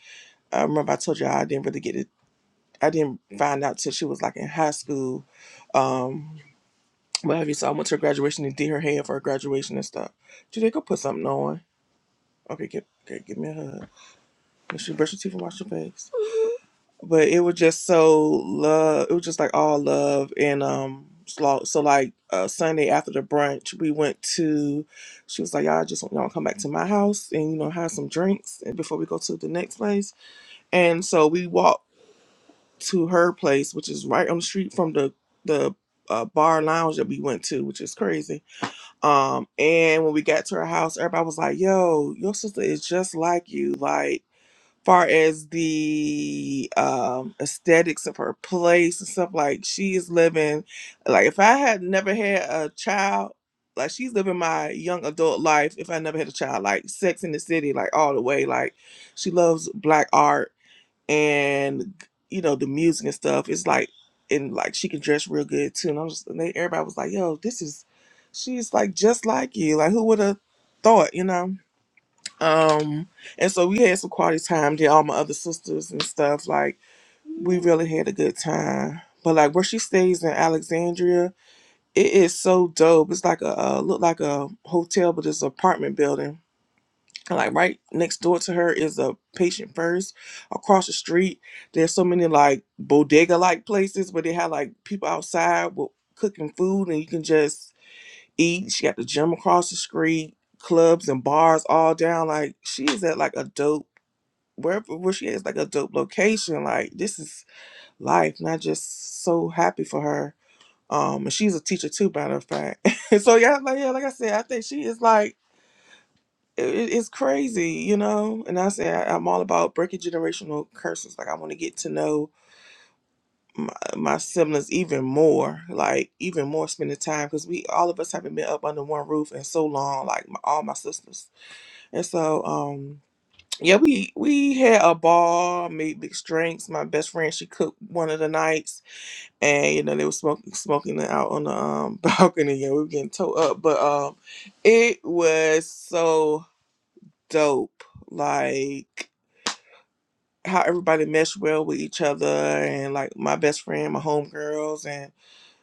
Speaker 4: I remember I told you I didn't really get it. I didn't find out till she was like in high school. Um, what have you? So I went to her graduation and did her hair for her graduation and stuff. Judy, go put something on. Okay, get okay, give me a hug. Make sure you brush your teeth and wash your face. but it was just so love it was just like all love and um so, so like uh sunday after the brunch we went to she was like y'all just y'all come back to my house and you know have some drinks and before we go to the next place and so we walked to her place which is right on the street from the the uh, bar lounge that we went to which is crazy um and when we got to her house everybody was like yo your sister is just like you like far as the um aesthetics of her place and stuff like she is living like if i had never had a child like she's living my young adult life if i never had a child like sex in the city like all the way like she loves black art and you know the music and stuff it's like and like she can dress real good too and i'm just and they, everybody was like yo this is she's like just like you like who would have thought you know um, and so we had some quality time there, all my other sisters and stuff. Like, we really had a good time. But like where she stays in Alexandria, it is so dope. It's like a uh, look like a hotel, but it's an apartment building. And like right next door to her is a patient first. Across the street, there's so many like bodega like places where they have like people outside with cooking food and you can just eat. She got the gym across the street, clubs and bars all down. Like she is at like a dope wherever where she is like a dope location like this is life and i just so happy for her um and she's a teacher too matter of fact so yeah like yeah like i said i think she is like it, it- it's crazy you know and i say I, i'm all about breaking generational curses like i want to get to know my, my siblings even more like even more spending time because we all of us haven't been up under one roof in so long like my, all my sisters and so um yeah, we we had a ball, made big drinks. My best friend she cooked one of the nights, and you know they were smoking smoking it out on the um, balcony, Yeah, we were getting towed up. But um, it was so dope, like how everybody meshed well with each other, and like my best friend, my homegirls, and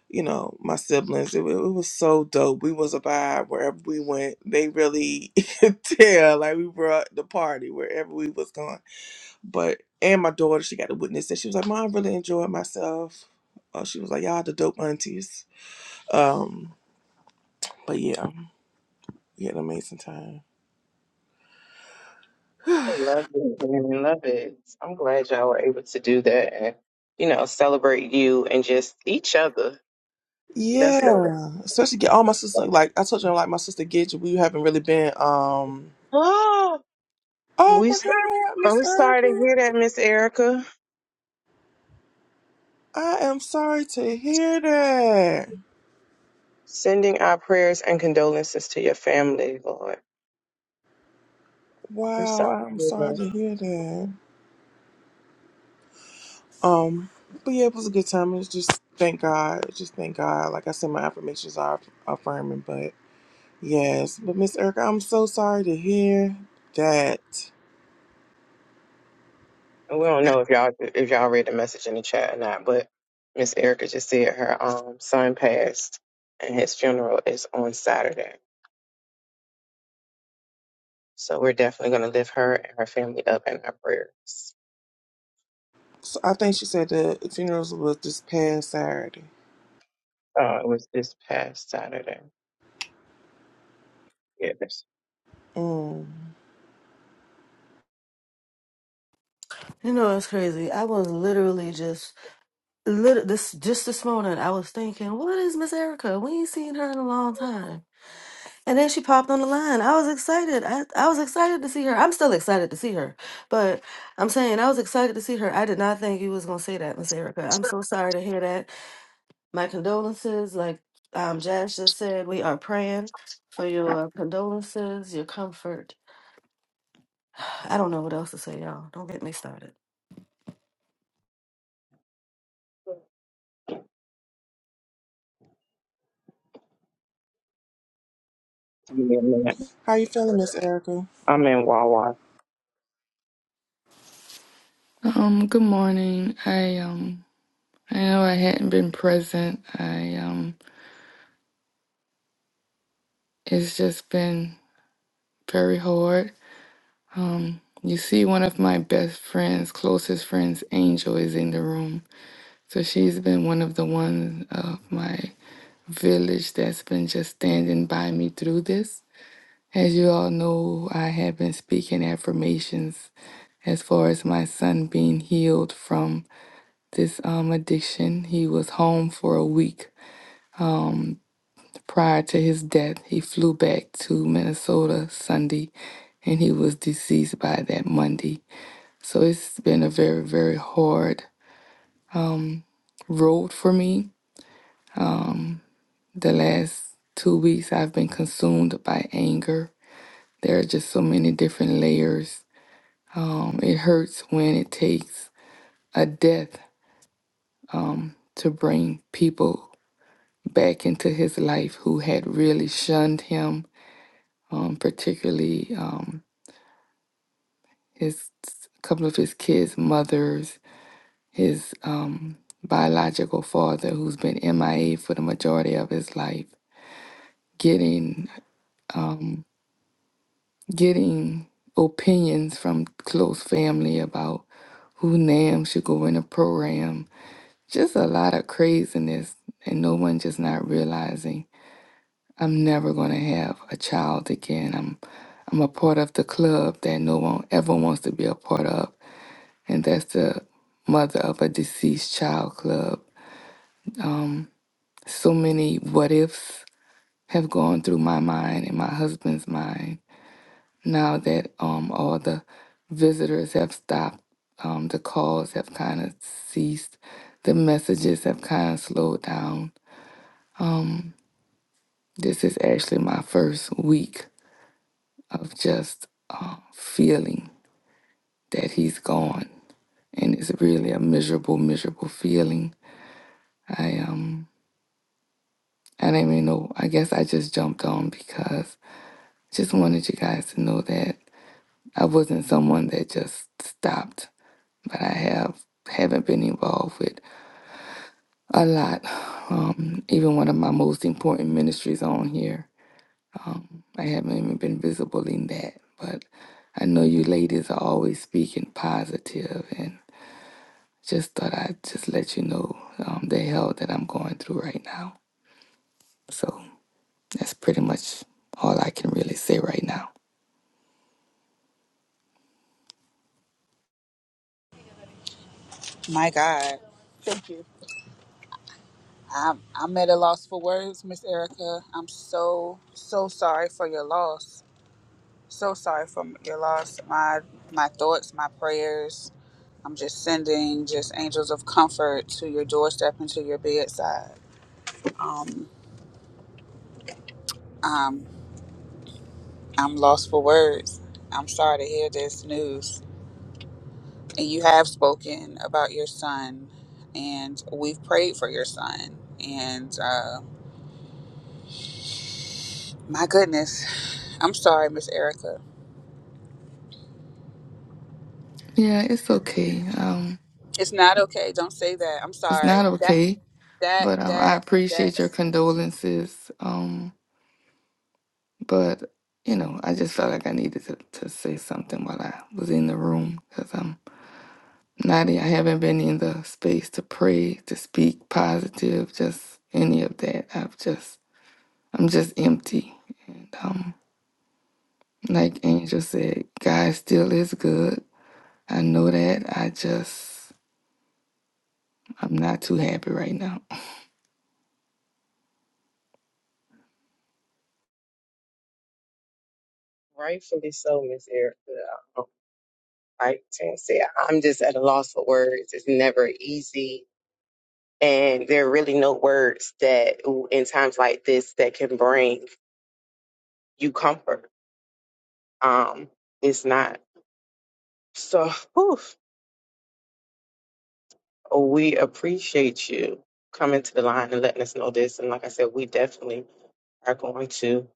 Speaker 4: you know my siblings. It, wa- it was so dope. We was a vibe wherever we went. They really could tell, like we brought the party wherever we was going but and my daughter, she got to witness that. She was like, "Mom, I really enjoyed myself." Uh, she was like, "Y'all the dope aunties." Um, but yeah, we had an amazing time.
Speaker 1: I Love it. I love it. I'm glad y'all were able to do that and, you know, celebrate you and just each other. That's dope.
Speaker 4: Yeah, especially get all my sister. Like I told you, like my sister Gidget, we haven't really been. um
Speaker 1: Oh,
Speaker 4: Oh
Speaker 1: we,
Speaker 4: my God, Miss
Speaker 1: I'm sorry
Speaker 4: Erica,
Speaker 1: to hear that, Miss Erica.
Speaker 4: I am sorry to hear that.
Speaker 1: Sending our prayers and condolences to your family, Lord. We're
Speaker 4: Wow,
Speaker 1: sorry,
Speaker 4: I'm sorry
Speaker 1: Lord.
Speaker 4: to hear that. Um, but yeah, it was a good time. It just thank God, just thank God. Like I said, my affirmations are affirming, but. Yes, but Miss Erica, I'm so sorry to hear that.
Speaker 1: And we don't know if y'all if y'all read the message in the chat or not, but Miss Erica just said her um son passed and his funeral is on Saturday. So we're definitely gonna lift her and her family up in our prayers.
Speaker 4: So I think she said the funerals was this past Saturday.
Speaker 1: Uh it was this past Saturday. Yeah, this
Speaker 4: Mm.
Speaker 5: You know, it's crazy. I was literally just, lit- this just this morning, I was thinking, what is Miss Erica? We ain't seen her in a long time. And then she popped on the line. I was excited. I, I was excited to see her. I'm still excited to see her. But I'm saying I was excited to see her. I did not think you was gonna say that, Miss Erica. I'm so sorry to hear that. My condolences, like um Jazz just said, we are praying for your condolences, your comfort. I don't know what else to say, y'all. Don't get me started.
Speaker 4: How you feeling, Miss Erica?
Speaker 1: I'm in Wawa.
Speaker 6: Um, good morning. I um I know I hadn't been present. I um it's just been very hard. Um you see one of my best friends, closest friends, Angel is in the room. So she's been one of the ones of my village that's been just standing by me through this. As you all know, I have been speaking affirmations as far as my son being healed from this um addiction. He was home for a week Prior to his death, he flew back to Minnesota Sunday and he was deceased by that Monday. So it's been a very, very hard road for me. The last two weeks, I've been consumed by anger. There are just so many different layers. Um, it hurts when it takes a death to bring people back into his life who had really shunned him, um, particularly um, his a couple of his kids' mothers his um, biological father, who's been MIA for the majority of his life, getting getting opinions from close family about who Nam should go in a program. Just a lot of craziness, and no one just not realizing I'm never gonna have a child again. I'm I'm a part of the club that no one ever wants to be a part of, and that's the mother of a deceased child club. So many what ifs have gone through my mind and my husband's mind now that um, all the visitors have stopped, um, the calls have kind of ceased, the messages have kind of slowed down. This is actually my first week of just uh, feeling that he's gone, and it's really a miserable, miserable feeling. I um, I didn't even know. I guess I just jumped on because I just wanted you guys to know that I wasn't someone that just stopped but I have haven't been involved with a lot. Um, even one of my most important ministries on here, I haven't even been visible in that. But I know you ladies are always speaking positive, and just thought I'd just let you know um, the hell that I'm going through right now. So that's pretty much all I can really say right now.
Speaker 2: My God. Thank you. I'm, I'm at a loss for words, Miss Erica. I'm so, so sorry for your loss. So sorry for your loss. My, my thoughts, my prayers. I'm just sending just angels of comfort to your doorstep and to your bedside. Um, um, I'm lost for words. I'm sorry to hear this news. And you have spoken about your son, and we've prayed for your son. And uh, My goodness. I'm sorry, Miss Erica.
Speaker 6: Yeah, it's okay. Um,
Speaker 2: It's not okay. Don't say that. I'm
Speaker 6: it's
Speaker 2: sorry.
Speaker 6: not
Speaker 2: That
Speaker 6: okay,
Speaker 2: that
Speaker 6: but um, I
Speaker 2: that that
Speaker 6: appreciate your condolences. Um, But, you know, I just felt like I needed to, to say something while I was in the room because I'm not, in- I haven't been in the space to pray, to speak positive, just any of that. I've just, I'm just empty. And um, like Angel said, God still is good. I know that. I just, I'm not too happy right now.
Speaker 1: Rightfully so, Miss Erica. like Tam said, I'm just at a loss for words. It's never easy. And there are really no words that in times like this that can bring you comfort. Um, it's not. So whew, we appreciate you coming to the line and letting us know this. And like I said, we definitely are going to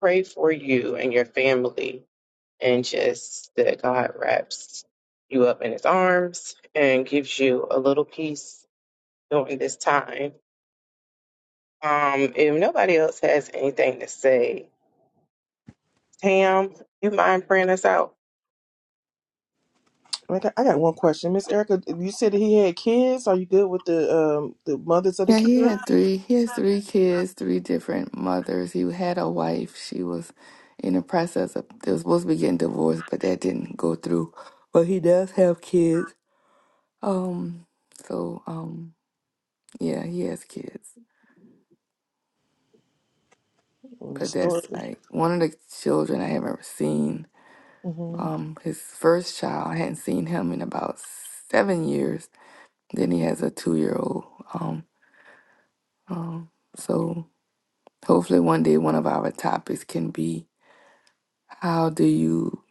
Speaker 1: pray for you and your family and just that God wraps you up in his arms and gives you a little peace during this time Um, if nobody else has anything to say, Tam, you mind praying us out?
Speaker 4: I got, I got one question, Miss Erica. You said that he had kids. Are you good with the um the mothers of the
Speaker 6: Yeah, he
Speaker 4: kids?
Speaker 6: had three. He has three kids, three different mothers. He had a wife. She was in the process of they were supposed to be getting divorced, but that didn't go through. But he does have kids. Um, so um, yeah, he has kids.
Speaker 4: Or the
Speaker 6: But that's
Speaker 4: story.
Speaker 6: like one of the children I haven't seen.
Speaker 4: hmm
Speaker 6: Um, his first child, I hadn't seen him in about seven years. Then he has a two-year-old. Um, um, so hopefully one day one of our topics can be How do you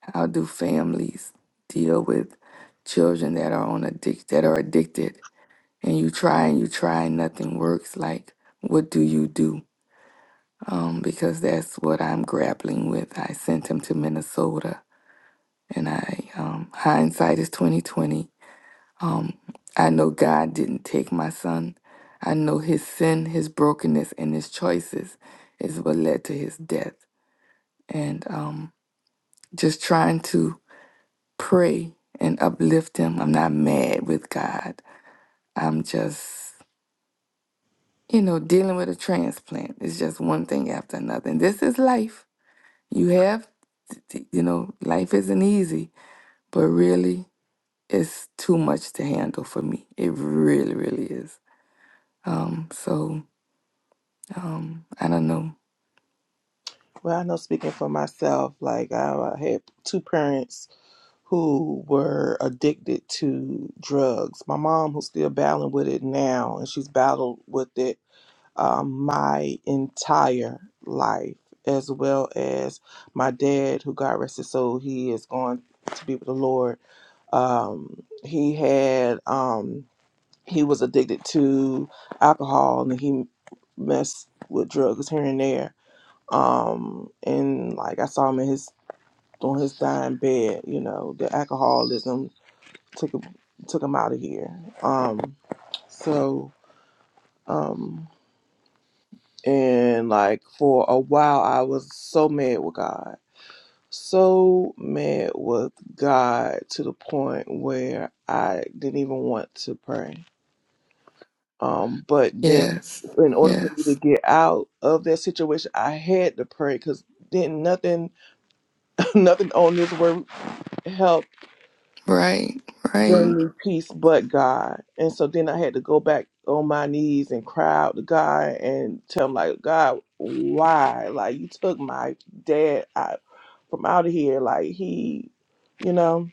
Speaker 6: how do families deal with children that are on addict that are addicted and you try and you try and nothing works? Like what do you do? Um, because that's what I'm grappling with. I sent him to Minnesota and I um hindsight is twenty twenty. Um I know God didn't take my son. I know his sin, his brokenness and his choices is what led to his death. And um just trying to pray and uplift him. I'm not mad with God. I'm just, you know, dealing with a transplant. It's just one thing after another. And this is life. You have, you know, life isn't easy, but really, it's too much to handle for me. It really, really is. Um, so, um, I don't know.
Speaker 4: Well, I know speaking for myself, like I, I had two parents who were addicted to drugs. My mom, who's still battling with it now, and she's battled with it um, my entire life, as well as my dad, who God rest his soul, he is going to be with the Lord. Um, he had um, he was addicted to alcohol, and he messed with drugs here and there. Um, and like I saw him in his on his dying bed, you know, the alcoholism took him took him out of here. Um, so. Um, And like for a while, I was so mad with God. So mad with God to the point where I didn't even want to pray. Um, but then
Speaker 6: Yes,
Speaker 4: in order for me to
Speaker 6: yes.
Speaker 4: get out of that situation, I had to pray because then nothing, nothing on this word helped
Speaker 6: Right, right.
Speaker 4: Bring me peace but God. And so then I had to go back on my knees and cry out to God and tell him like, God, why? Like you took my dad out from out of here. Like he, you know.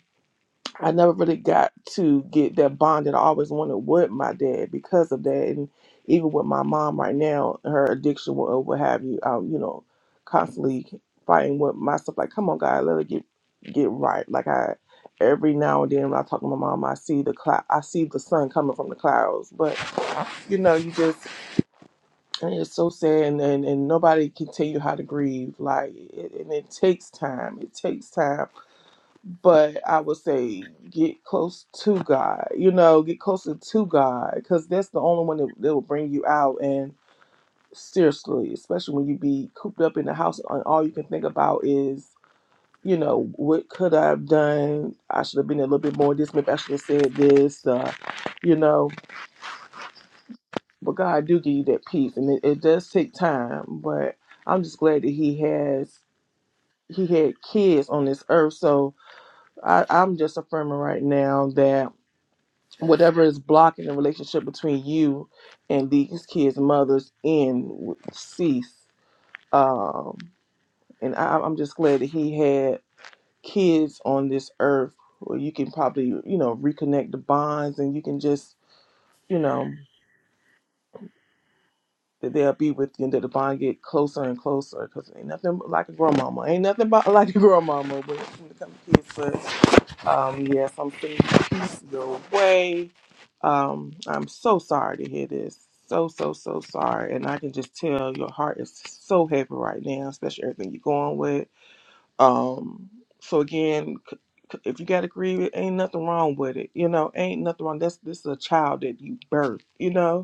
Speaker 4: I never really got to get that bond that I always wanted with my dad because of that, and even with my mom right now, her addiction or what have you, I'm, you know, constantly fighting with myself. Like, come on, God, let it get get right. Like I, every now and then when I talk to my mom, I see the cloud, I see the sun coming from the clouds. But you know, you just and it's so sad, and and, and nobody can tell you how to grieve. Like, it, and it takes time. It takes time but I would say get close to God. You know, get closer to God because that's the only one that, that will bring you out. And seriously, especially when you be cooped up in the house and all you can think about is, you know, what could I have done? I should have been a little bit more this. Maybe I should have said this. Uh, you know, but God do give you that peace, and it, it does take time. But I'm just glad that He has He had kids on this earth, so I, I'm just affirming right now that. whatever is blocking the relationship between you and these kids' mothers in cease. Um, and I, I'm just glad that he had kids on this earth where you can probably, you know, reconnect the bonds and you can just, you know. that they'll be with you and that the bond get closer and closer because ain't nothing like a grandmama. Ain't nothing about like a grandmama when it when it comes to kids. But um, yes, I'm sending you peace your way. Um, I'm so sorry to hear this. So, so, so sorry. And I can just tell your heart is so heavy right now, especially everything you're going with. Um, so again, c- c- if you got to grieve, it ain't nothing wrong with it. You know, ain't nothing wrong. That's this is a child that you birthed. You know,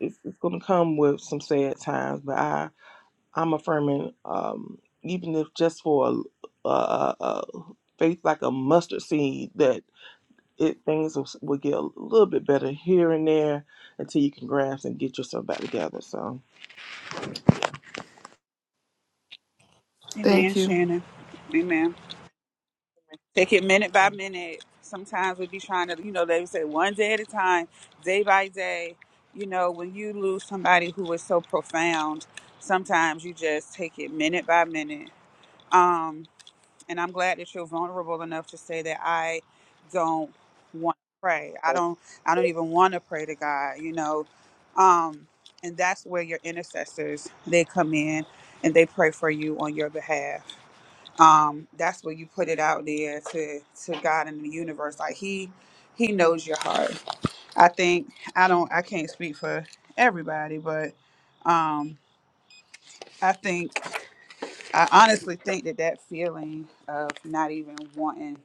Speaker 4: it's, it's going to come with some sad times, but I I'm affirming um, even if just for a, a, a faith like a mustard seed that it things will, will get a little bit better here and there until you can grasp and get yourself back together. So,
Speaker 2: Amen,
Speaker 6: Thank you.
Speaker 2: Shannon. Amen. Take it minute by minute. Sometimes we be trying to, you know, they say one day at a time, day by day. You know, when you lose somebody who is so profound, sometimes you just take it minute by minute. Um, And I'm glad that you're vulnerable enough to say that I don't want to pray. I don't I don't even want to pray to God, you know. Um and that's where your intercessors they come in and they pray for you on your behalf. Um that's where you put it out there to to God and the universe like he he knows your heart. I think I don't I can't speak for everybody, but um I think I honestly think that that feeling of not even wanting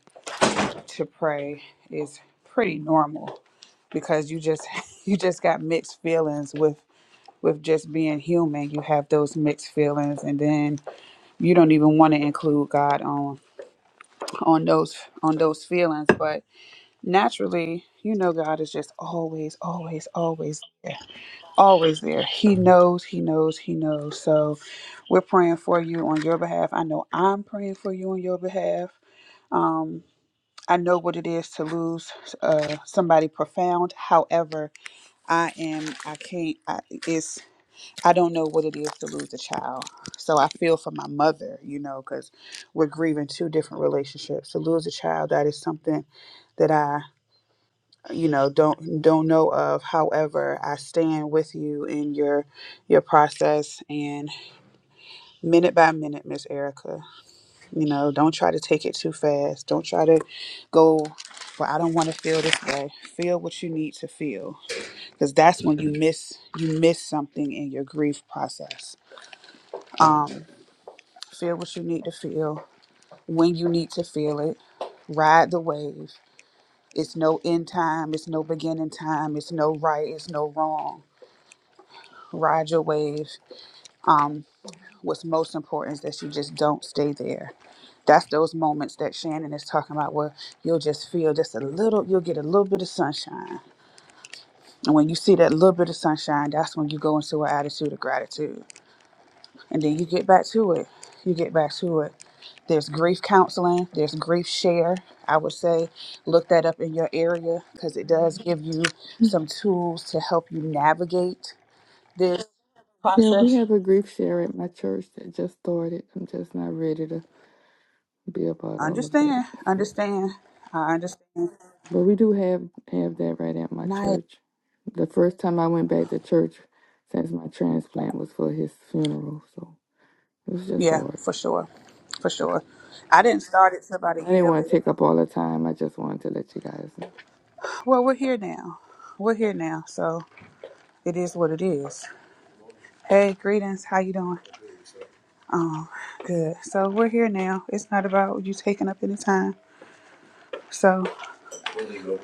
Speaker 2: to pray is pretty normal because you just you just got mixed feelings with with just being human you have those mixed feelings and then you don't even want to include god on on those on those feelings but naturally you know god is just always always always there always there he knows he knows he knows so we're praying for you on your behalf i know i'm praying for you on your behalf Um. I know what it is to lose uh, somebody profound. However, I am, I can't, I, it's, I don't know what it is to lose a child. So I feel for my mother, you know, because we're grieving two different relationships. To lose a child, that is something that I, you know, don't don't know of. However, I stand with you in your your process and minute by minute, Miss Erica. You know, don't try to take it too fast. Don't try to go, well, I don't want to feel this way. Feel what you need to feel. Because that's when you miss you miss something in your grief process. Um, feel what you need to feel when you need to feel it. Ride the wave. It's no end time, it's no beginning time, it's no right, it's no wrong. Ride your wave. what's most important is that you just don't stay there. That's those moments that Shannon is talking about where you'll just feel just a little, you'll get a little bit of sunshine. And when you see that little bit of sunshine, that's when you go into an attitude of gratitude. And then you get back to it. You get back to it. There's grief counseling, there's grief share. I would say look that up in your area because it does give you some tools to help you navigate this
Speaker 6: Yeah, we
Speaker 2: process.
Speaker 6: have a grief share at my church that just started. I'm just not ready to be about all of that.
Speaker 2: Understand, understand. I understand.
Speaker 6: But we do have have that right at my
Speaker 2: And I,
Speaker 6: church. The first time I went back to church since my transplant was for his funeral, so it was just
Speaker 2: yeah,
Speaker 6: hard.
Speaker 2: for sure, for sure. I didn't start it till
Speaker 6: But
Speaker 2: about a
Speaker 6: I didn't
Speaker 2: year
Speaker 6: want to
Speaker 2: later.
Speaker 6: take up all the time. I just wanted to let you guys know.
Speaker 2: Well, we're here now. We're here now, so it is what it is. Hey, greetings. How you doing? Um, good. So we're here now. It's not about you taking up any time. So okay, okay.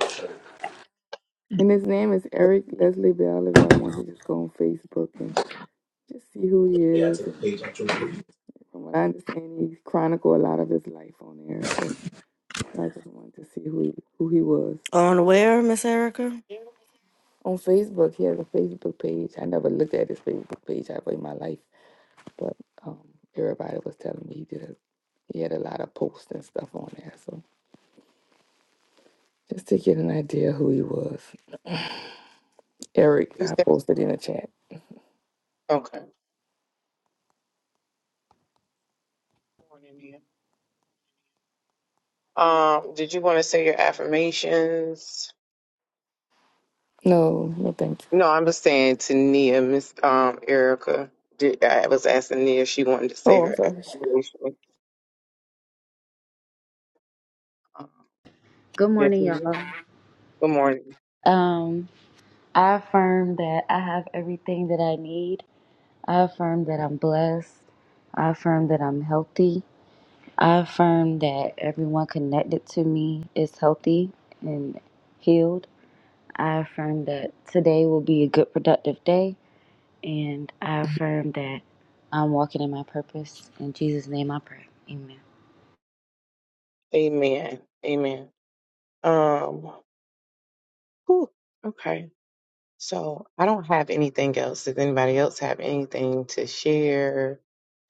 Speaker 6: And his name is Eric Leslie Bell. If y'all want to just go on Facebook and just see who he is, and from what I understand, he chronicled a lot of his life on there. So I just wanted to see who he, who he was.
Speaker 5: On where, Miss Erica?
Speaker 6: on Facebook. He has a Facebook page. I never looked at his Facebook page ever in my life, but um, everybody was telling me he did. A, he had a lot of posts and stuff on there. So just to get an idea who he was, Eric,
Speaker 1: You
Speaker 6: I
Speaker 1: said
Speaker 6: posted in the chat.
Speaker 1: okay. Um, did you want to say your affirmations?
Speaker 6: No, no, thank you.
Speaker 1: No, I'm just saying to Nia, Miss um Erica. Did, I was asking Nia if she wanted to say
Speaker 6: Oh, I'm
Speaker 1: her
Speaker 6: sorry.
Speaker 1: affirmation. Um,
Speaker 7: Good
Speaker 1: yes,
Speaker 7: morning, y'all.
Speaker 1: ma'am. Good morning.
Speaker 7: Um, I affirm that I have everything that I need. I affirm that I'm blessed. I affirm that I'm healthy. I affirm that everyone connected to me is healthy and healed. I affirm that today will be a good, productive day. And I affirm that I'm walking in my purpose. In Jesus' name I pray. Amen.
Speaker 1: Amen. Amen. Um. whew, okay. So I don't have anything else. Does anybody else have anything to share?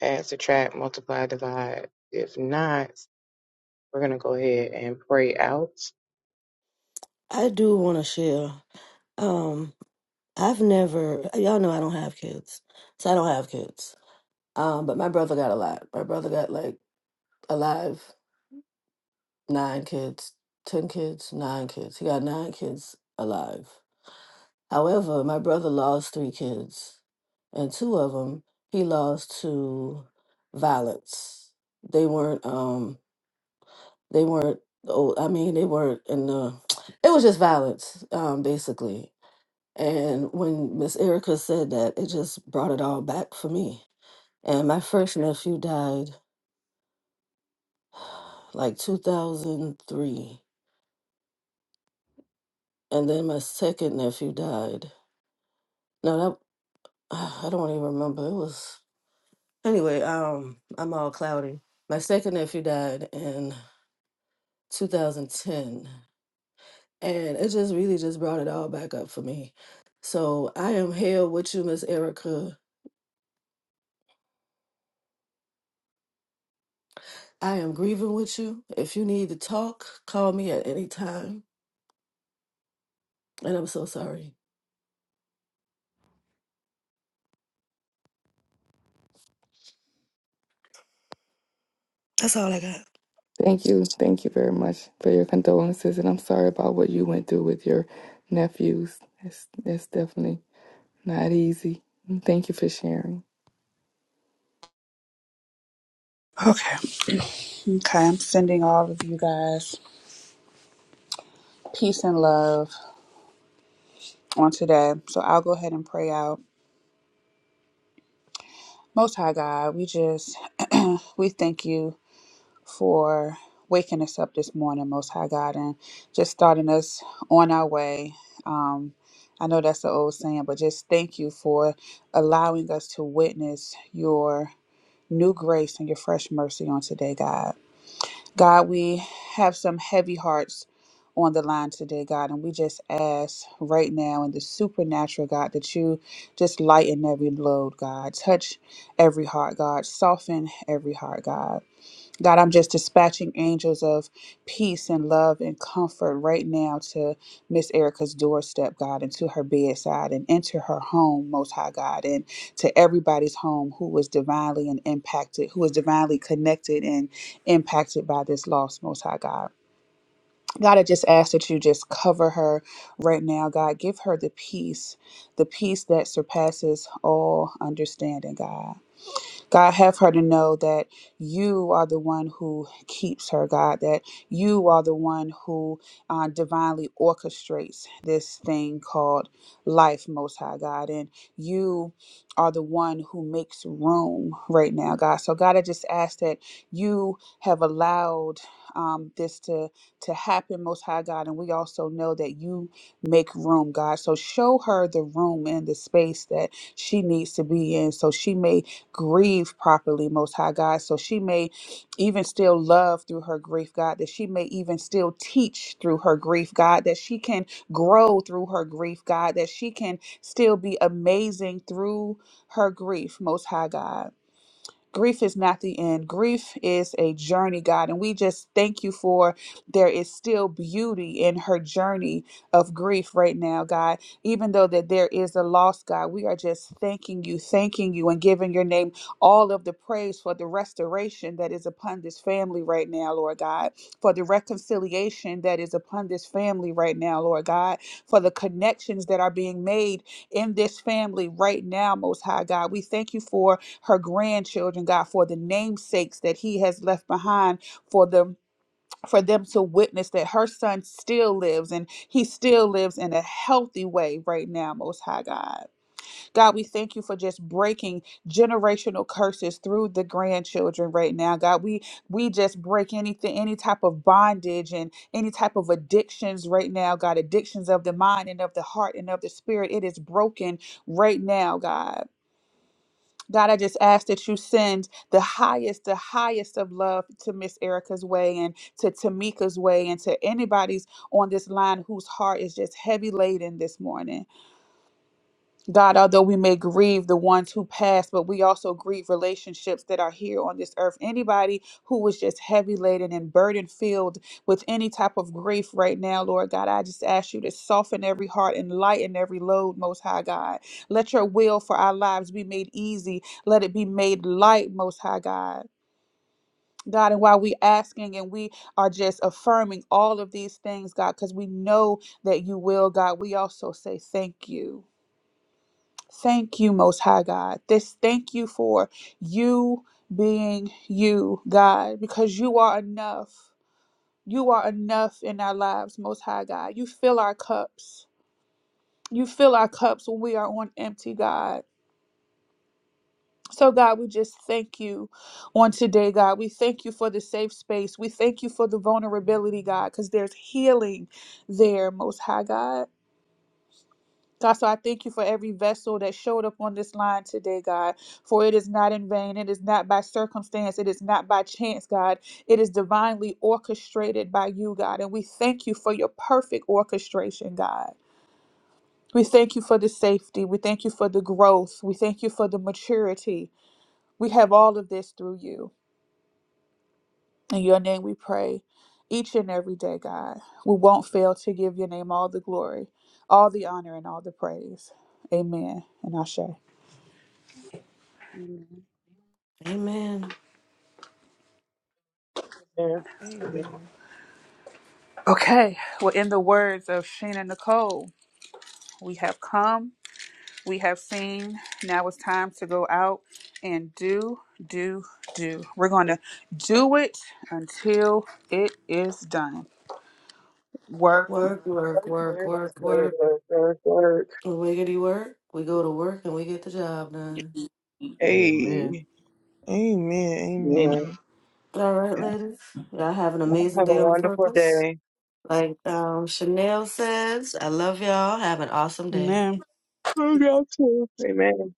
Speaker 1: Add, subtract, multiply, divide. If not, we're gonna go ahead and pray out.
Speaker 5: I do want to share. Um, I've never, y'all know I don't have kids, so I don't have kids. Um, but my brother got a lot. My brother got like alive nine kids, ten kids, nine kids. He got nine kids alive. However, my brother lost three kids, and two of them he lost to violence. They weren't, um, they weren't old. I mean, they weren't in the. It was just violence, um, basically. And when Miss Erica said that, it just brought it all back for me And my first nephew died like 2003. And then my second nephew died. No, that I don't even remember. It was anyway, um I'm all cloudy. My second nephew died in 2010. And it just really just brought it all back up for me. So I am here with you, Miss Erica. I am grieving with you. If you need to talk, call me at any time. And I'm so sorry. That's all I got.
Speaker 6: Thank you, thank you very much for your condolences, and I'm sorry about what you went through with your nephews. That's that's definitely not easy. And Thank you for sharing.
Speaker 2: I'm sending all of you guys peace and love on today. So I'll go ahead and pray out. Most High God, we just we thank you for waking us up this morning, Most High God, and just starting us on our way. Um, I know that's the old saying, but just thank you for allowing us to witness your new grace and your fresh mercy on today, God. God, we have some heavy hearts on the line today, God, and we just ask right now in the supernatural, God, that you just lighten every load, God. Touch every heart, God. Soften every heart, God. God, I'm just dispatching angels of peace and love and comfort right now to Miss Erica's doorstep, God, and to her bedside and into her home, Most High God, and to everybody's home who was divinely and impacted, who was divinely connected and impacted by this loss, Most High God. God, I just ask that you just cover her right now, God. Give her the peace, the peace that surpasses all understanding, God. God, have her to know that you are the one who keeps her, God, that you are the one who uh, divinely orchestrates this thing called life, Most High God. And you are the one who makes room right now, God. So, God, I just ask that you have allowed um, this to, to happen, Most High God. And we also know that you make room, God. So, show her the room and the space that she needs to be in so she may grieve properly, Most High God. So she may even still love through her grief, God, that she may even still teach through her grief, God, that she can grow through her grief, God, that she can still be amazing through her grief, Most High God. Grief is not the end. Grief is a journey, God. And we just thank you for there is still beauty in her journey of grief right now, God. Even though that there is a loss, God, we are just thanking you, thanking you, and giving your name all of the praise for the restoration that is upon this family right now, Lord God, for the reconciliation that is upon this family right now, Lord God, for the connections that are being made in this family right now, Most High God. We thank you for her grandchildren, God, for the namesakes that he has left behind for them for them to witness that her son still lives and he still lives in a healthy way right now, most high God. God, we thank you for just breaking generational curses through the grandchildren right now. God, we we just break anything any type of bondage and any type of addictions right now, God, addictions of the mind and of the heart and of the spirit. It is broken right now, God. God, I just ask that you send the highest, the highest of love to Miss Erica's way and to Tamika's way and to anybody's on this line whose heart is just heavy laden this morning. God, although we may grieve the ones who passed, but we also grieve relationships that are here on this earth. Anybody who was just heavy laden and burden filled with any type of grief right now, Lord God, I just ask you to soften every heart and lighten every load, Most High God. Let your will for our lives be made easy. Let it be made light, Most High God. God, and while we asking and we are just affirming all of these things, God, because we know that you will, God, we also say thank you. Thank you, Most High God. This thank you for you being you, God, because you are enough. You are enough in our lives, Most High God. You fill our cups. You fill our cups when we are on empty, God. So, God, we just thank you on today, God. We thank you for the safe space. We thank you for the vulnerability, God, because there's healing there, Most High God. God, so I thank you for every vessel that showed up on this line today, God. For it is not in vain. It is not by circumstance. It is not by chance, God. It is divinely orchestrated by you, God. And we thank you for your perfect orchestration, God. We thank you for the safety. We thank you for the growth. We thank you for the maturity. We have all of this through you. In your name we pray each and every day, God. We won't fail to give your name all the glory, all the honor, and all the praise. Amen. And Ashe.
Speaker 7: Amen.
Speaker 5: Amen.
Speaker 1: There, amen.
Speaker 4: Amen,
Speaker 2: Okay, well, in the words of Sheena Nicole, we have come, we have seen, now it's time to go out and do, do, do. We're going to do it until it is done. Work,
Speaker 5: Work, work,
Speaker 2: work.
Speaker 5: work,
Speaker 1: Word,
Speaker 5: work,
Speaker 1: word,
Speaker 5: work.
Speaker 1: word, word, word.
Speaker 5: Wiggity work. We go to work and we get the job done.
Speaker 3: Amen.
Speaker 1: Hey,
Speaker 4: Amen,
Speaker 2: Amen.
Speaker 4: Amen.
Speaker 1: Lord,
Speaker 5: All right,
Speaker 1: yeah.
Speaker 5: ladies. Y'all have an amazing
Speaker 1: Have a
Speaker 5: day on
Speaker 1: wonderful
Speaker 5: purpose.
Speaker 1: day.
Speaker 5: Like um, Chanel says, I love y'all. Have an awesome day.
Speaker 2: Amen.
Speaker 1: Love y'all too. Amen.